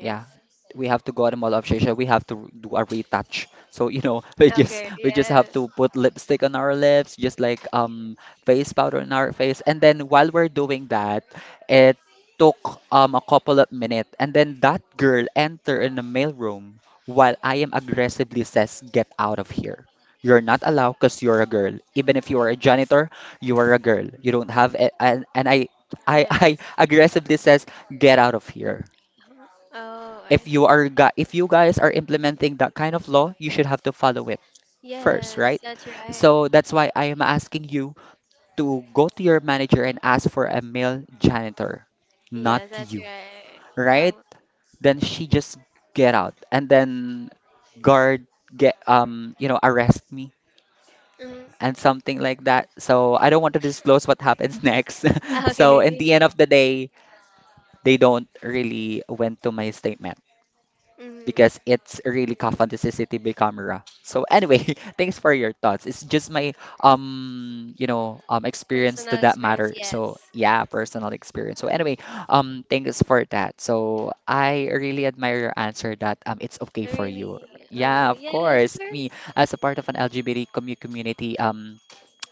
Speaker 1: Yeah, we have to go out of Obsession. We have to do a retouch. So you know, we just
Speaker 2: Okay.
Speaker 1: we just have
Speaker 2: Yes.
Speaker 1: to put lipstick on our lips, just like face powder on our face, and then while we're doing that, it took a couple of minutes, and then that girl enter in the mail room while I am aggressively says, "Get out of here." You're not allowed because you're a girl. Even if you are a janitor, you are a girl. You don't have a, and I I
Speaker 2: Yes.
Speaker 1: aggressively says, "Get out of here."
Speaker 2: Oh, I see.
Speaker 1: If you guys are implementing that kind of law, you should have to follow it first,
Speaker 2: Yes,
Speaker 1: right?
Speaker 2: that's right.
Speaker 1: So that's why I am asking you to go to your manager and ask for a male janitor, not
Speaker 2: Yes, that's
Speaker 1: you,
Speaker 2: right.
Speaker 1: right?
Speaker 2: Oh.
Speaker 1: Then she just get out, and then guard get, um, arrest me
Speaker 2: hmm
Speaker 1: and something like that. So I don't want to disclose what happens next. So in the end
Speaker 2: Okay.
Speaker 1: of the day, they don't really went to my statement
Speaker 2: hmm
Speaker 1: because it's really common to see CCTV camera. So anyway, thanks for your thoughts. It's just my um, experience to
Speaker 2: Personal
Speaker 1: that
Speaker 2: experience,
Speaker 1: matter. So
Speaker 2: yes.
Speaker 1: yeah, personal experience. So anyway, thanks for that. So I really admire your answer that it's okay for you.
Speaker 2: Really?
Speaker 1: Yeah,
Speaker 2: Oh,
Speaker 1: of
Speaker 2: yes, it's
Speaker 1: course.
Speaker 2: very.
Speaker 1: Me as a part of an LGBT commu- community,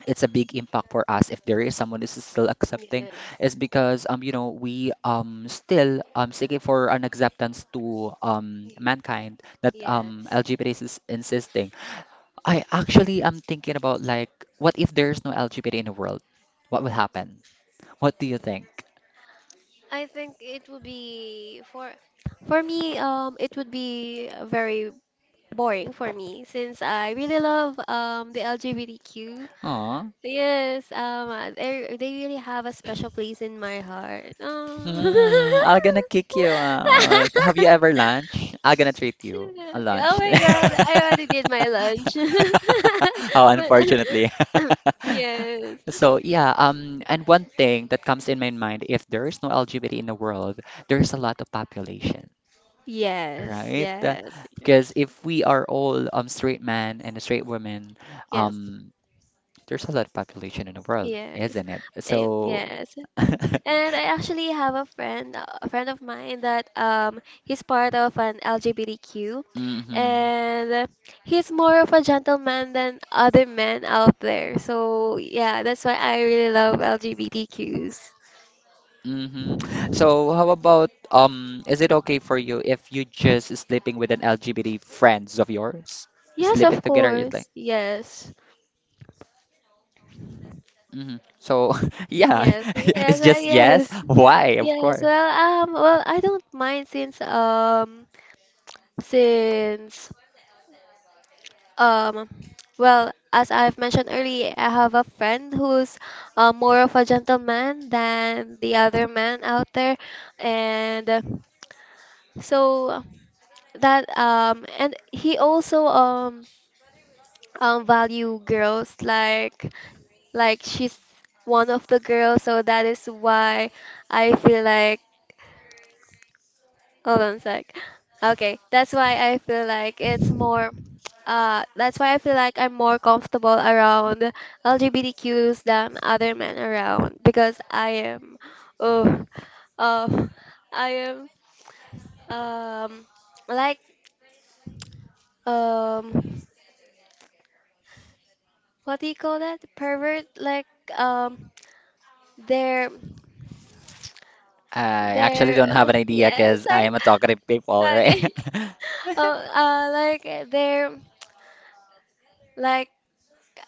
Speaker 1: it's a big impact for us if there is someone who's still accepting, is
Speaker 2: Yes.
Speaker 1: because we still seeking for an acceptance to
Speaker 2: Y-
Speaker 1: mankind that
Speaker 2: Yes.
Speaker 1: LGBT is insisting. I actually am thinking about like, what if there's no LGBT in the world? What will happen? What do you think?
Speaker 2: I think it would be for me it would be very boring for me since I really love the LGBTQ.
Speaker 1: Aw.
Speaker 2: Yes, they really have a special place in my heart. Oh.
Speaker 1: Mm, I'm gonna kick you out. Have you ever lunch? I'm gonna treat you a
Speaker 2: Oh
Speaker 1: lunch.
Speaker 2: my God, I already did my lunch.
Speaker 1: Oh, unfortunately.
Speaker 2: But yes.
Speaker 1: So yeah, and one thing that comes in my mind, if there is no LGBT in the world, there's a lot of population,
Speaker 2: Yes,
Speaker 1: right?
Speaker 2: yes.
Speaker 1: Because if we are all straight men and straight women,
Speaker 2: Yeah.
Speaker 1: um, there's a lot of population in the world,
Speaker 2: Yes.
Speaker 1: isn't it?
Speaker 2: Eh,
Speaker 1: So,
Speaker 2: yes. And I actually have a friend of mine that he's part of an LGBTQ,
Speaker 1: hmm
Speaker 2: and he's more of a gentleman than other men out there. So yeah, that's why I really love LGBTQs.
Speaker 1: hmm, so how about is it okay for you if you just sleeping with an LGBT friends of yours?
Speaker 2: Yes,
Speaker 1: Sleeping
Speaker 2: of
Speaker 1: together it's like
Speaker 2: course. Yes.
Speaker 1: hmm. So yeah,
Speaker 2: Yes.
Speaker 1: it's
Speaker 2: Yes.
Speaker 1: just yes.
Speaker 2: Yes.
Speaker 1: Why? Of
Speaker 2: Yes.
Speaker 1: course.
Speaker 2: Well, I don't mind since since Um, well, as I've mentioned earlier, I have a friend who's more of a gentleman than the other man out there, and so that and he also value girls like she's one of the girls, so that is why I feel like— Hold on a sec. Okay, that's why I feel like it's more. That's why I feel like I'm more comfortable around LGBTQs than other men around because I am, oh, uh, I am um like um what do you call that? Pervert? Like um they're
Speaker 1: I actually
Speaker 2: they're
Speaker 1: don't have an idea
Speaker 2: yes,
Speaker 1: because I
Speaker 2: sorry.
Speaker 1: am a talkative people, right?
Speaker 2: Okay. Oh like they're, like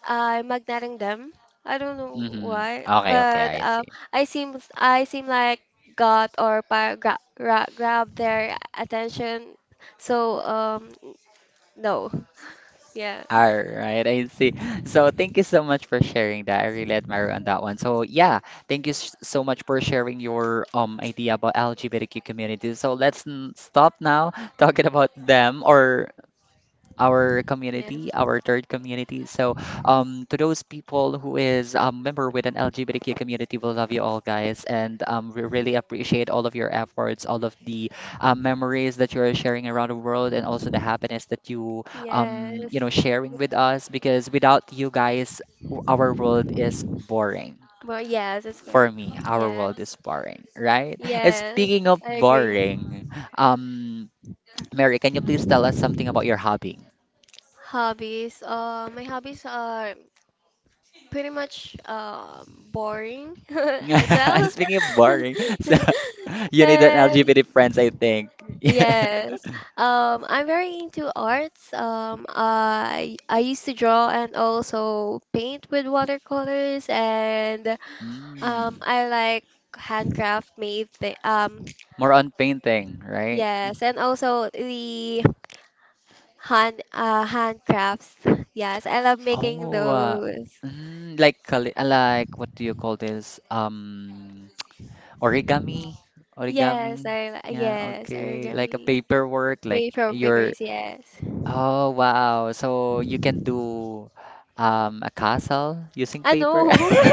Speaker 2: I'm magneting them. I don't know
Speaker 1: Hmm.
Speaker 2: why,
Speaker 1: Okay, okay,
Speaker 2: but
Speaker 1: I see.
Speaker 2: I seem like got or grab their attention. So no, yes,
Speaker 1: All right, I see. So thank you so much for sharing that. I really admire on that one. So yeah, thank you so much for sharing your idea about LGBTQ community. So let's stop now talking about them or our community,
Speaker 2: yes,
Speaker 1: our third community. So, to those people who is member with an LGBTQ community, we love you all, guys, and we really appreciate all of your efforts, all of the memories that you are sharing around the world, and also the happiness that you you
Speaker 2: yes.
Speaker 1: know sharing with us. Because without you guys, our world is boring.
Speaker 2: Well, yes, it's fair.
Speaker 1: For me, our world
Speaker 2: Yes,
Speaker 1: is boring, right? And
Speaker 2: yes,
Speaker 1: speaking of
Speaker 2: I agree.
Speaker 1: boring, um, Mary, can you please tell us something about your hobby?
Speaker 2: Hobbies. My hobbies are pretty much boring as well.
Speaker 1: Speaking of boring, so you need an
Speaker 2: And—
Speaker 1: LGBT friends, I think.
Speaker 2: Yes. I'm very into arts. I used to draw and also paint with watercolors and
Speaker 1: Mm,
Speaker 2: I like handcraft made thi- um
Speaker 1: more on painting, right?
Speaker 2: yes, and also the handcrafts. Yes, I love making
Speaker 1: Oh,
Speaker 2: those.
Speaker 1: mm, like like what do you call this? Origami, origami. Yeah,
Speaker 2: Yes,
Speaker 1: okay. Like a
Speaker 2: origami
Speaker 1: paperwork, like
Speaker 2: made from
Speaker 1: your.
Speaker 2: papers, yes.
Speaker 1: Oh, wow. So you can do a castle using
Speaker 2: I
Speaker 1: paper.
Speaker 2: know.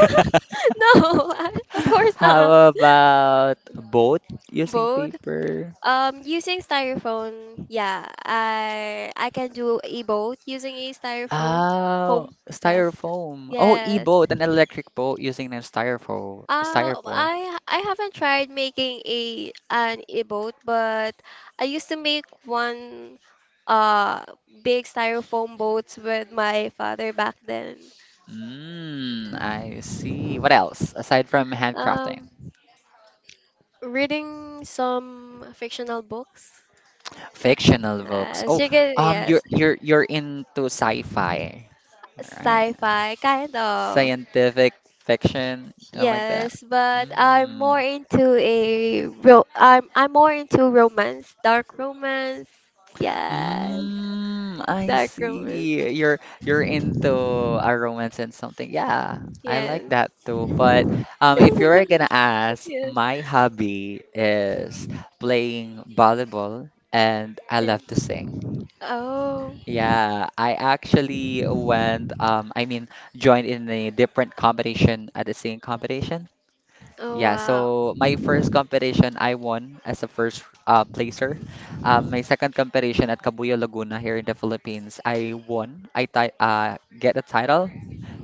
Speaker 2: No, of course not.
Speaker 1: How about a boat using
Speaker 2: Both.
Speaker 1: paper?
Speaker 2: Using styrofoam, yeah, I can do a both using a styrofoam
Speaker 1: Oh,
Speaker 2: foam. Yes,
Speaker 1: styrofoam. Oh,
Speaker 2: yes.
Speaker 1: e-boat, an electric boat using a styrofoam.
Speaker 2: I haven't tried making a an e-boat, but I used to make one uh big styrofoam boats with my father back then.
Speaker 1: Mm, I see. What else aside from handcrafting?
Speaker 2: Um, reading some fictional books.
Speaker 1: Fictional books. Oh,
Speaker 2: She can,
Speaker 1: you're
Speaker 2: yes,
Speaker 1: you're you're into sci-fi, all right?
Speaker 2: sci-fi kind of.
Speaker 1: Scientific fiction, you know, like that.
Speaker 2: Yes, but I'm more
Speaker 1: Mm.
Speaker 2: into a ro I'm more into romance, dark romance. Yes,
Speaker 1: Mm, I
Speaker 2: dark romance.
Speaker 1: see. You're into a romance and something. Yeah, I like
Speaker 2: Yes.
Speaker 1: that too. But if you're gonna ask,
Speaker 2: Yes.
Speaker 1: my hobby is playing volleyball, and I love
Speaker 2: Yes.
Speaker 1: to sing.
Speaker 2: Oh.
Speaker 1: Yeah, I actually went. I mean, joined in a different competition at the singing competition.
Speaker 2: Oh
Speaker 1: Yeah,
Speaker 2: wow.
Speaker 1: so my first competition I won as a first placer. My second competition at Cabuya Laguna here in the Philippines, I won. I ti get a title,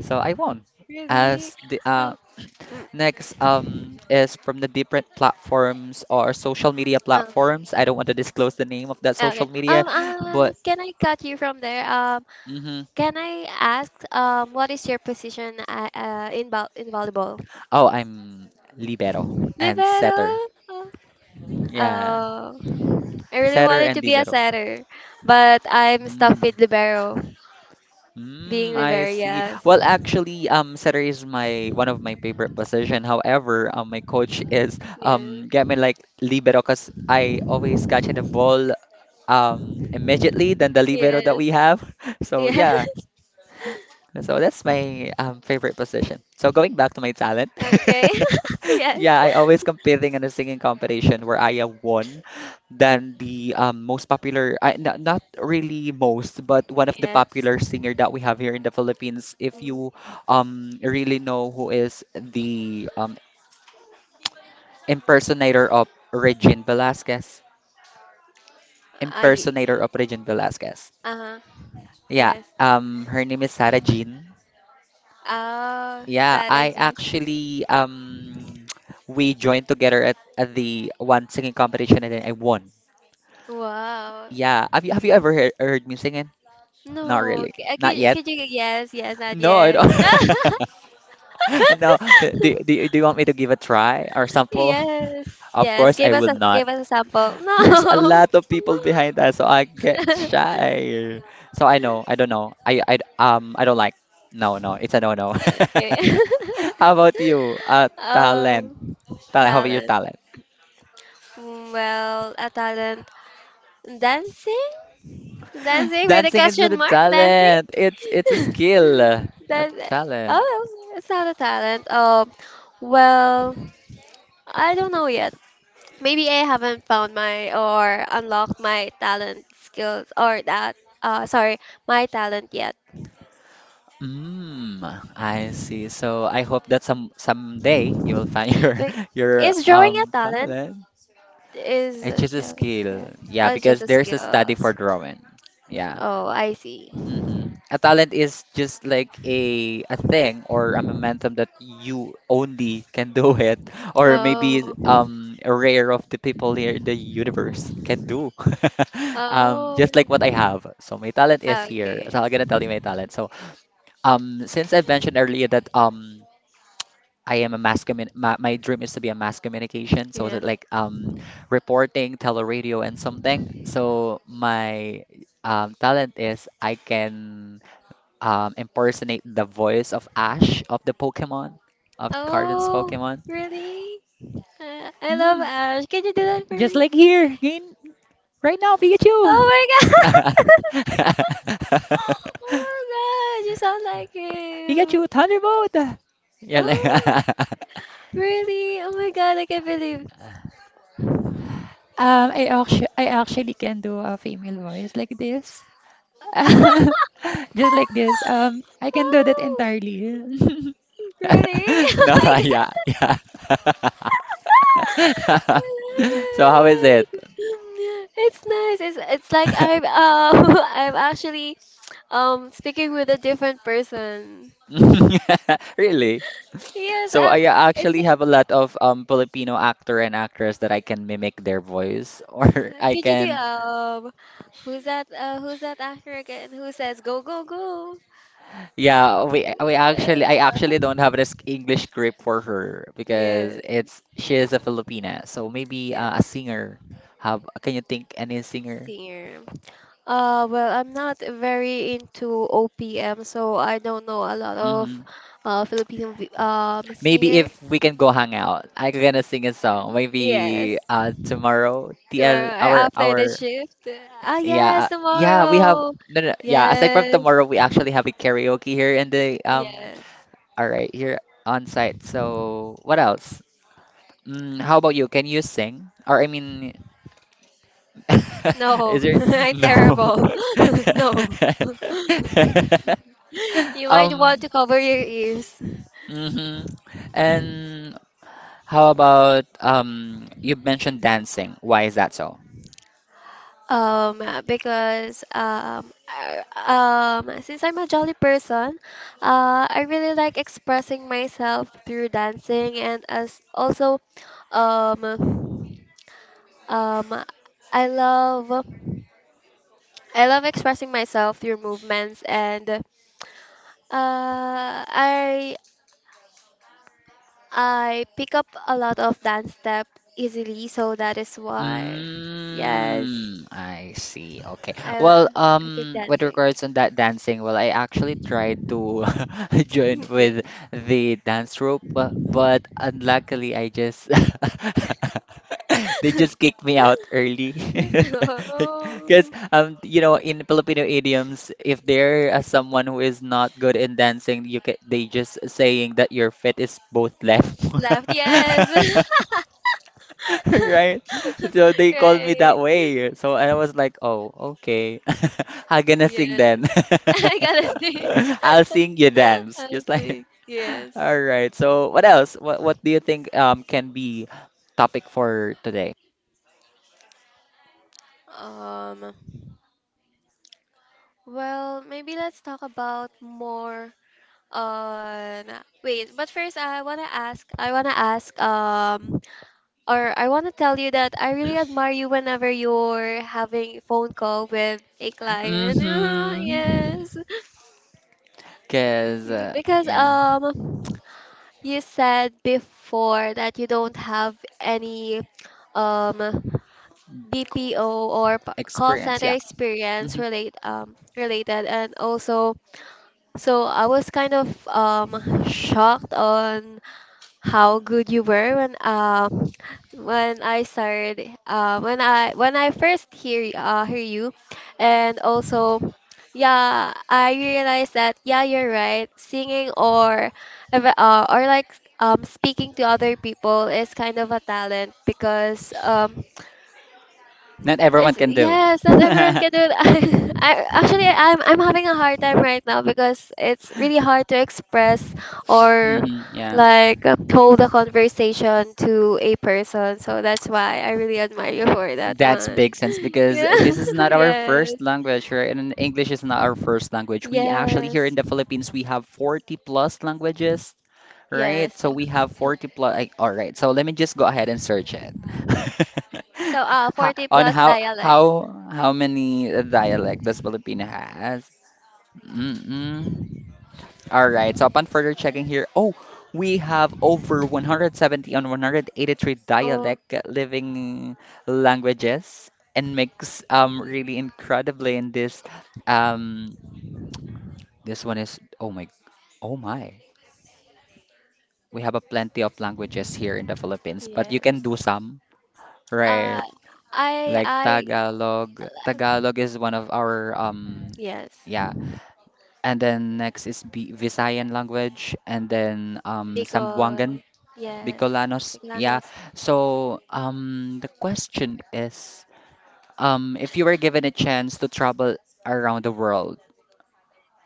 Speaker 1: so I won.
Speaker 2: Really?
Speaker 1: As the
Speaker 2: Oh. Mm,
Speaker 1: next is from the different platforms or social media
Speaker 2: oh.
Speaker 1: platforms. I don't want to disclose the name of that social
Speaker 2: Okay.
Speaker 1: media, but
Speaker 2: Can I cut you from there?
Speaker 1: hmm.
Speaker 2: Can I ask? What is your position? In vo in volleyball?
Speaker 1: Oh, I'm libero and setter.
Speaker 2: Libero.
Speaker 1: Yeah,
Speaker 2: Uh, I really
Speaker 1: setter
Speaker 2: wanted
Speaker 1: and
Speaker 2: to be a
Speaker 1: libero.
Speaker 2: setter, but I'm stuck
Speaker 1: Mm.
Speaker 2: with libero.
Speaker 1: Mm,
Speaker 2: Being
Speaker 1: I
Speaker 2: libero,
Speaker 1: see.
Speaker 2: yes.
Speaker 1: Well, actually, setter is my one of my favorite position. However, my coach is
Speaker 2: Yeah.
Speaker 1: get me like libero because I always catch the ball immediately than the libero that we
Speaker 2: Yes.
Speaker 1: have. So
Speaker 2: Yes.
Speaker 1: yeah, so that's my favorite position. So going back to my talent,
Speaker 2: Okay. Yes.
Speaker 1: yeah, I always competing in a singing competition where I have won than the most popular, I, not really most, but one of the
Speaker 2: Yes.
Speaker 1: popular singer that we have here in the Philippines. If
Speaker 2: Mm.
Speaker 1: you really know who is the impersonator of
Speaker 2: Uh,
Speaker 1: impersonator of Regine Velasquez.
Speaker 2: uh-huh.
Speaker 1: Yeah,
Speaker 2: Yes.
Speaker 1: her name is Sarah Jean.
Speaker 2: Oh,
Speaker 1: Yeah, I
Speaker 2: strategy.
Speaker 1: actually we joined together at the one singing competition, and then I won.
Speaker 2: Wow.
Speaker 1: Yeah, have you
Speaker 2: Yes.
Speaker 1: ever heard me singing? Not
Speaker 2: No.
Speaker 1: really,
Speaker 2: c-
Speaker 1: not yet.
Speaker 2: Could you? Yes. Yes. Not
Speaker 1: No, I
Speaker 2: yet.
Speaker 1: don't. No,
Speaker 2: No.
Speaker 1: do you want me to give a try or sample?
Speaker 2: Yes,
Speaker 1: Of
Speaker 2: yes.
Speaker 1: course, I
Speaker 2: Give us
Speaker 1: will
Speaker 2: a,
Speaker 1: not.
Speaker 2: give us a sample.
Speaker 1: There's a
Speaker 2: No.
Speaker 1: lot of people behind us, so I get shy. So I know, I don't know. I don't like. No, no, it's a no no.
Speaker 2: Okay.
Speaker 1: How about you? Talent.
Speaker 2: Um,
Speaker 1: Talent. How about your
Speaker 2: talent.
Speaker 1: talent?
Speaker 2: Mm, well, a talent. Dancing? Dancing with a
Speaker 1: Dancing isn't a
Speaker 2: question mark? Dancing?
Speaker 1: talent. It's a skill, not
Speaker 2: That,
Speaker 1: talent.
Speaker 2: oh, it's not a talent. Well, I don't know yet. Maybe I haven't found my or unlocked my talent skills, or that uh sorry, my talent yet.
Speaker 1: Mm, I see. So I hope that someday you will find your
Speaker 2: Wait,
Speaker 1: your
Speaker 2: is drawing a
Speaker 1: um
Speaker 2: talent?
Speaker 1: talent.
Speaker 2: Is
Speaker 1: It's
Speaker 2: a
Speaker 1: just a
Speaker 2: draw a
Speaker 1: skill.
Speaker 2: skill?
Speaker 1: Yeah,
Speaker 2: Oh, it's just
Speaker 1: because
Speaker 2: a
Speaker 1: there's
Speaker 2: skill.
Speaker 1: a study for drawing. Yeah.
Speaker 2: Oh, I see.
Speaker 1: Hmm. A talent is just like a thing or a momentum that you only can do it, or maybe
Speaker 2: Oh.
Speaker 1: a rare of the people here in the universe can do.
Speaker 2: Oh.
Speaker 1: Just like what I have. So my talent is here.
Speaker 2: Okay.
Speaker 1: So I'm gonna tell you my talent. So since I mentioned earlier that. I am a mass commun my, my dream is to be a mass communication, so is
Speaker 2: Yes.
Speaker 1: it like reporting, teleradio and something. So my talent is I can impersonate the voice of Ash of the Pokemon, of Carden's
Speaker 2: Oh,
Speaker 1: Pokemon.
Speaker 2: really? I love
Speaker 1: Hmm,
Speaker 2: Ash. Can you do that for
Speaker 1: just
Speaker 2: me?
Speaker 1: like here, right now, Pikachu!
Speaker 2: Oh my god. Oh my god, you sound like him.
Speaker 1: Pikachu, Thunderbolt! Yeah, like,
Speaker 2: Oh. Really? Oh my god, I can't believe.
Speaker 1: um, I actually can do a female voice like this. Just like this. I can do that
Speaker 2: Wow.
Speaker 1: entirely.
Speaker 2: Really? Oh
Speaker 1: no,
Speaker 2: my god.
Speaker 1: yeah, yeah.
Speaker 2: I love
Speaker 1: So how is it?
Speaker 2: it. It's nice. It's like I'm I'm actually speaking with a different person.
Speaker 1: Really?
Speaker 2: Yes,
Speaker 1: So I
Speaker 2: it's
Speaker 1: actually
Speaker 2: like
Speaker 1: have a lot of Filipino actor and actress that I can mimic their voice or I
Speaker 2: could you do
Speaker 1: can,
Speaker 2: who's that actor again who says go go go?
Speaker 1: yeah, we
Speaker 2: Yeah.
Speaker 1: actually I actually don't have this English script for her because
Speaker 2: Yes.
Speaker 1: it's she is a Filipina. So maybe
Speaker 2: Yes.
Speaker 1: a singer. Have can you think any singer?
Speaker 2: Serum. Well, I'm not very into OPM, so I don't know a lot of
Speaker 1: Hmm.
Speaker 2: Filipino
Speaker 1: Maybe
Speaker 2: singer.
Speaker 1: if we can go hang out, I gonna sing a
Speaker 2: Yeah.
Speaker 1: song. Maybe
Speaker 2: Yes,
Speaker 1: tomorrow, TL,
Speaker 2: tomorrow or after the
Speaker 1: our,
Speaker 2: shift. Ah,
Speaker 1: yeah,
Speaker 2: yes,
Speaker 1: yeah, we have
Speaker 2: tomorrow.
Speaker 1: no, no, yeah, aside from
Speaker 2: Yes,
Speaker 1: tomorrow, we actually have a karaoke here in the um,
Speaker 2: yes.
Speaker 1: all right, here on site. So, what else? Mm, how about you? Can you sing? Or I mean,
Speaker 2: No,
Speaker 1: is there
Speaker 2: I'm
Speaker 1: no.
Speaker 2: terrible. No. You might want
Speaker 1: Um,
Speaker 2: to cover your ears.
Speaker 1: mhm. And how about you mentioned dancing. Why is that so?
Speaker 2: Because since I'm a jolly person, I really like expressing myself through dancing and as also um, um, I love I love expressing myself through movements, and I I pick up a lot of dance step easily, so that is why— yes,
Speaker 1: Mm, I see. Okay.
Speaker 2: I
Speaker 1: Well,
Speaker 2: I pick
Speaker 1: with
Speaker 2: dancing.
Speaker 1: regards on that dancing, well, I actually tried to join with the dance troupe, but unluckily, I just they just kicked me out early.
Speaker 2: Yes. Oh,
Speaker 1: Because in Filipino idioms, if there is someone who is not good in dancing, you can they just saying that your foot is both left.
Speaker 2: left, yes.
Speaker 1: Right? So they called me that
Speaker 2: Right.
Speaker 1: way. So I was like, oh, okay. I'm gonna sing
Speaker 2: Yes.
Speaker 1: then.
Speaker 2: I gotta see.
Speaker 1: I'll sing you dance.
Speaker 2: I
Speaker 1: Just like,
Speaker 2: see.
Speaker 1: all
Speaker 2: Yes.
Speaker 1: right. So what else? What do you think can be topic for today?
Speaker 2: Um, well, maybe let's talk about more on— wait, but first I wanna ask or I wanna tell you that I really admire you whenever you're having phone call with a client.
Speaker 1: Mm-hmm.
Speaker 2: Yes.
Speaker 1: Cause
Speaker 2: Exactly.
Speaker 1: uh,
Speaker 2: Because
Speaker 1: yeah,
Speaker 2: you said before that you don't have any um BPO or call
Speaker 1: experience.
Speaker 2: center
Speaker 1: Yeah.
Speaker 2: experience
Speaker 1: hmm
Speaker 2: related, and also, so I was kind of shocked on how good you were when I started when I first hear you, and also, yeah, I realized that yeah, you're right. Singing or— like speaking to other people is kind of a talent because
Speaker 1: Not everyone
Speaker 2: it's—
Speaker 1: can do.
Speaker 2: yes, not everyone can do it. I actually I'm having a hard time right now because it's really hard to express or
Speaker 1: Hmm, yeah.
Speaker 2: like hold a conversation to a person. So that's why I really admire you for that
Speaker 1: That's
Speaker 2: one.
Speaker 1: big sense because this is not our
Speaker 2: Yeah.
Speaker 1: first language, right? And English is not our first language. We actually here in
Speaker 2: Yes.
Speaker 1: the
Speaker 2: Yes.
Speaker 1: Philippines we have 40 plus languages, right?
Speaker 2: Yes.
Speaker 1: So we have 40 plus. Like, all right, so let me just go ahead and search it.
Speaker 2: So
Speaker 1: Ha-
Speaker 2: 40
Speaker 1: On
Speaker 2: plus
Speaker 1: how how
Speaker 2: dialects.
Speaker 1: how many dialect does Filipino has? Mm-mm. All right, so upon further checking here, oh, we have over 170 and 183
Speaker 2: Oh,
Speaker 1: dialect living languages and mix really incredibly in um this one is oh my oh my. We have a plenty of languages here in the Philippines, but you can do
Speaker 2: yes.
Speaker 1: some,
Speaker 2: Uh
Speaker 1: right? Like
Speaker 2: I
Speaker 1: Tagalog. Tagalog is one of our
Speaker 2: yes.
Speaker 1: yeah, and then next is B Visayan language and then
Speaker 2: Because
Speaker 1: Sambuangan
Speaker 2: yes.
Speaker 1: Bicolanos. Yeah.
Speaker 2: Siglanos.
Speaker 1: So, the question is, if you were given a chance to travel around the world,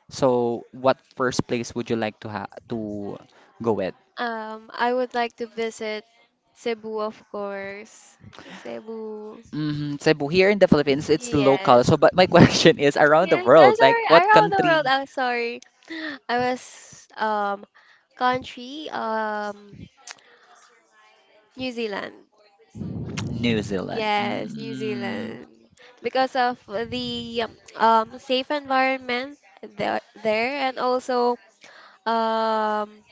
Speaker 1: so what first place would you like to ha to go with?
Speaker 2: I would like to visit Cebu, of course. Cebu.
Speaker 1: Mm-hmm. Cebu here in the Philippines, it's local. So,
Speaker 2: Yes.
Speaker 1: but my question is around the
Speaker 2: Yes, I'm
Speaker 1: world, like
Speaker 2: sorry.
Speaker 1: what
Speaker 2: Around the world,
Speaker 1: country?
Speaker 2: I'm sorry. I was country, New Zealand.
Speaker 1: New Zealand.
Speaker 2: Yes, New
Speaker 1: Mm,
Speaker 2: Zealand. Because of the safe environment there, and also um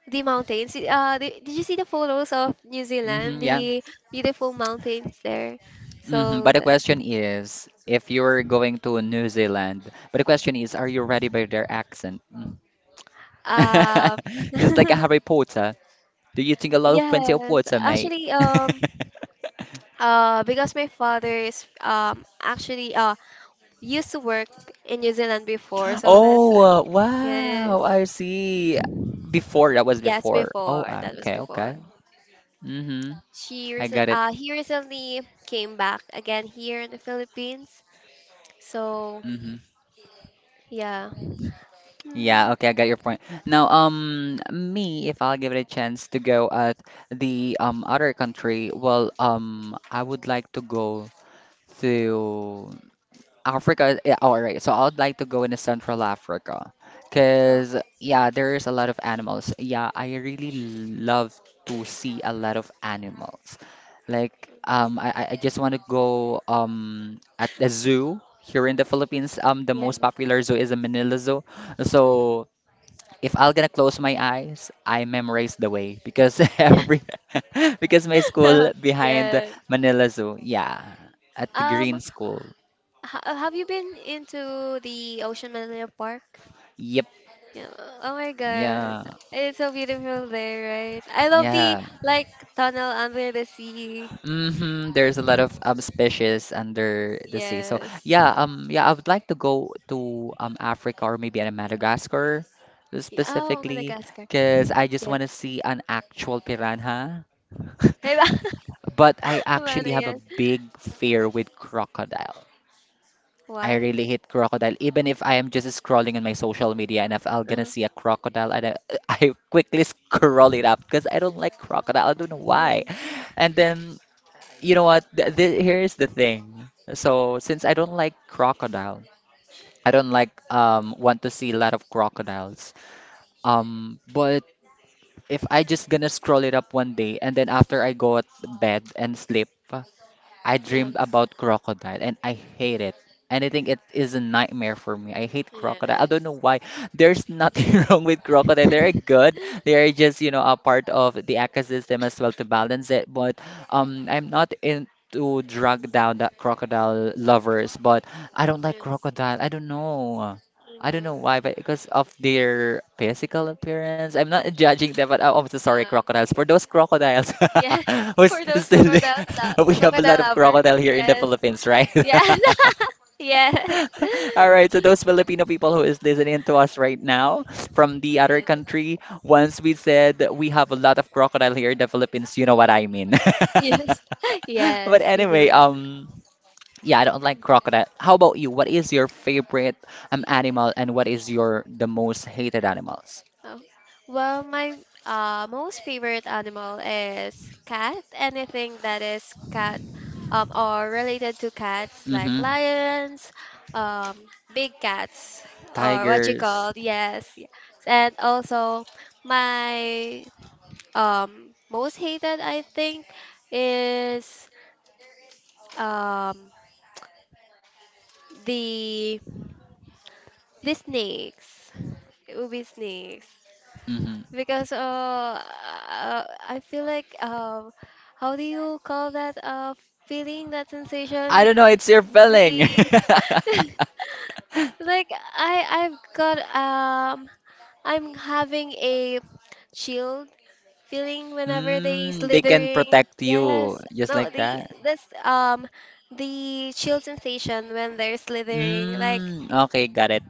Speaker 2: the mountains. The, did you see the photos of New
Speaker 1: hmm,
Speaker 2: Zealand?
Speaker 1: yeah.
Speaker 2: The beautiful mountains there. So
Speaker 1: But the
Speaker 2: that's
Speaker 1: question is, if you're going to New Zealand, but the question is, are you ready by their accent? Mm-hmm.
Speaker 2: um
Speaker 1: Just like a Harry Potter. Do you drink a lot of plenty of
Speaker 2: yes.
Speaker 1: water, mate?
Speaker 2: Actually, because my father is actually used to work in New Zealand before, so that's
Speaker 1: Oh,
Speaker 2: like yes.
Speaker 1: wow. I see. Before, that was
Speaker 2: Yes,
Speaker 1: before. Oh,
Speaker 2: before. That was
Speaker 1: okay,
Speaker 2: before.
Speaker 1: okay. Mm-hmm.
Speaker 2: She
Speaker 1: I
Speaker 2: recent
Speaker 1: got it.
Speaker 2: he recently came back again here in the Philippines. So,
Speaker 1: Mm-hmm.
Speaker 2: yeah.
Speaker 1: Yeah,
Speaker 2: Mm,
Speaker 1: okay, I got your point. Now, me, if I'll give it a chance to go at the other country, well, I would like to go to Africa, yeah, all right. So I'd like to go into Central Africa
Speaker 2: oh.
Speaker 1: because, yeah, there's a lot of animals. Yeah, I really love to see a lot of animals. Like, I just want to go at the zoo here in the Philippines. The most
Speaker 2: Yes.
Speaker 1: popular zoo is a Manila Zoo. So
Speaker 2: Mhm.
Speaker 1: if I'm gonna close my eyes, I memorize the way because every because my school behind the
Speaker 2: Yes.
Speaker 1: Manila Zoo, yeah, at the Green
Speaker 2: Um,
Speaker 1: School.
Speaker 2: ha have you been into the Ocean Millennium Park?
Speaker 1: Yep.
Speaker 2: Yeah. Oh my God.
Speaker 1: Yeah,
Speaker 2: It's so beautiful there, right? I love the
Speaker 1: yeah.
Speaker 2: like tunnel under the sea.
Speaker 1: There's a lot of species under the sea. So
Speaker 2: Yes.
Speaker 1: yeah, yeah, I would like to go to Africa or maybe in Madagascar
Speaker 2: Yeah. Oh,
Speaker 1: specifically
Speaker 2: Madagascar.
Speaker 1: because I just
Speaker 2: Yes.
Speaker 1: want to see an actual piranha.
Speaker 2: Hey, ba?
Speaker 1: But I
Speaker 2: Havana,
Speaker 1: actually have a
Speaker 2: yes.
Speaker 1: big fear with crocodile. I
Speaker 2: Why?
Speaker 1: really hate crocodile. Even if I am just scrolling on my social media and if I'm gonna
Speaker 2: Uh-huh.
Speaker 1: see a crocodile, and I, I quickly scroll it up because I don't like crocodile. I don't know why.
Speaker 2: Really?
Speaker 1: And then you know what? Th th Here's the thing. So since I don't like crocodile, I don't like want to see a lot of crocodiles. But if I just gonna scroll it up one day and then after I go at bed and sleep, I dreamed
Speaker 2: Yes.
Speaker 1: about crocodile and I hate it. And I think it is a nightmare for me. I hate crocodile. I don't know
Speaker 2: Yes.
Speaker 1: why. There's nothing wrong with crocodile. They're good. They're just, a part of the ecosystem as well to balance it. But I'm not into to drag down that crocodile lovers, but I don't like
Speaker 2: Yes.
Speaker 1: crocodile. I don't know.
Speaker 2: You
Speaker 1: I don't know
Speaker 2: know.
Speaker 1: why, but because of their physical appearance. I'm not judging them, but I'm so sorry,
Speaker 2: Ah,
Speaker 1: crocodiles. For
Speaker 2: okay.
Speaker 1: those crocodiles
Speaker 2: Yes,
Speaker 1: who's
Speaker 2: for those
Speaker 1: still,
Speaker 2: crocodile
Speaker 1: we
Speaker 2: for
Speaker 1: have a lot
Speaker 2: crocodile
Speaker 1: of
Speaker 2: lover.
Speaker 1: crocodile here in the
Speaker 2: Yes,
Speaker 1: Philippines, right?
Speaker 2: yes, yes,
Speaker 1: All right, so those Filipino people who is listening to us right now from the other
Speaker 2: yes,
Speaker 1: country, once we said that we have a lot of crocodile here in the Philippines, you know what I mean.
Speaker 2: yes,
Speaker 1: But
Speaker 2: yes. You know.
Speaker 1: anyway, yeah, I don't like crocodile. How about you? What is your favorite animal and what is your the most hated animals?
Speaker 2: Oh. Well, my most favorite animal is cat. Anything that is cat, or related to cats, like
Speaker 1: Mm-hmm.
Speaker 2: lions, um, big cats, or what you
Speaker 1: Tigers.
Speaker 2: call— yes. Yes. And also my most hated I think is um the the snakes. It would be snakes
Speaker 1: Mm-hmm.
Speaker 2: because I feel like how do you call that, feeling, that
Speaker 1: I
Speaker 2: sensation,
Speaker 1: don't know, it's your feeling.
Speaker 2: the like, I I've got I'm having a chill feeling whenever they
Speaker 1: Mm, they can
Speaker 2: slithering.
Speaker 1: protect you
Speaker 2: Yes,
Speaker 1: just
Speaker 2: no,
Speaker 1: like that.
Speaker 2: this um the chill sensation when they're slithering, like
Speaker 1: Mm, okay, got it.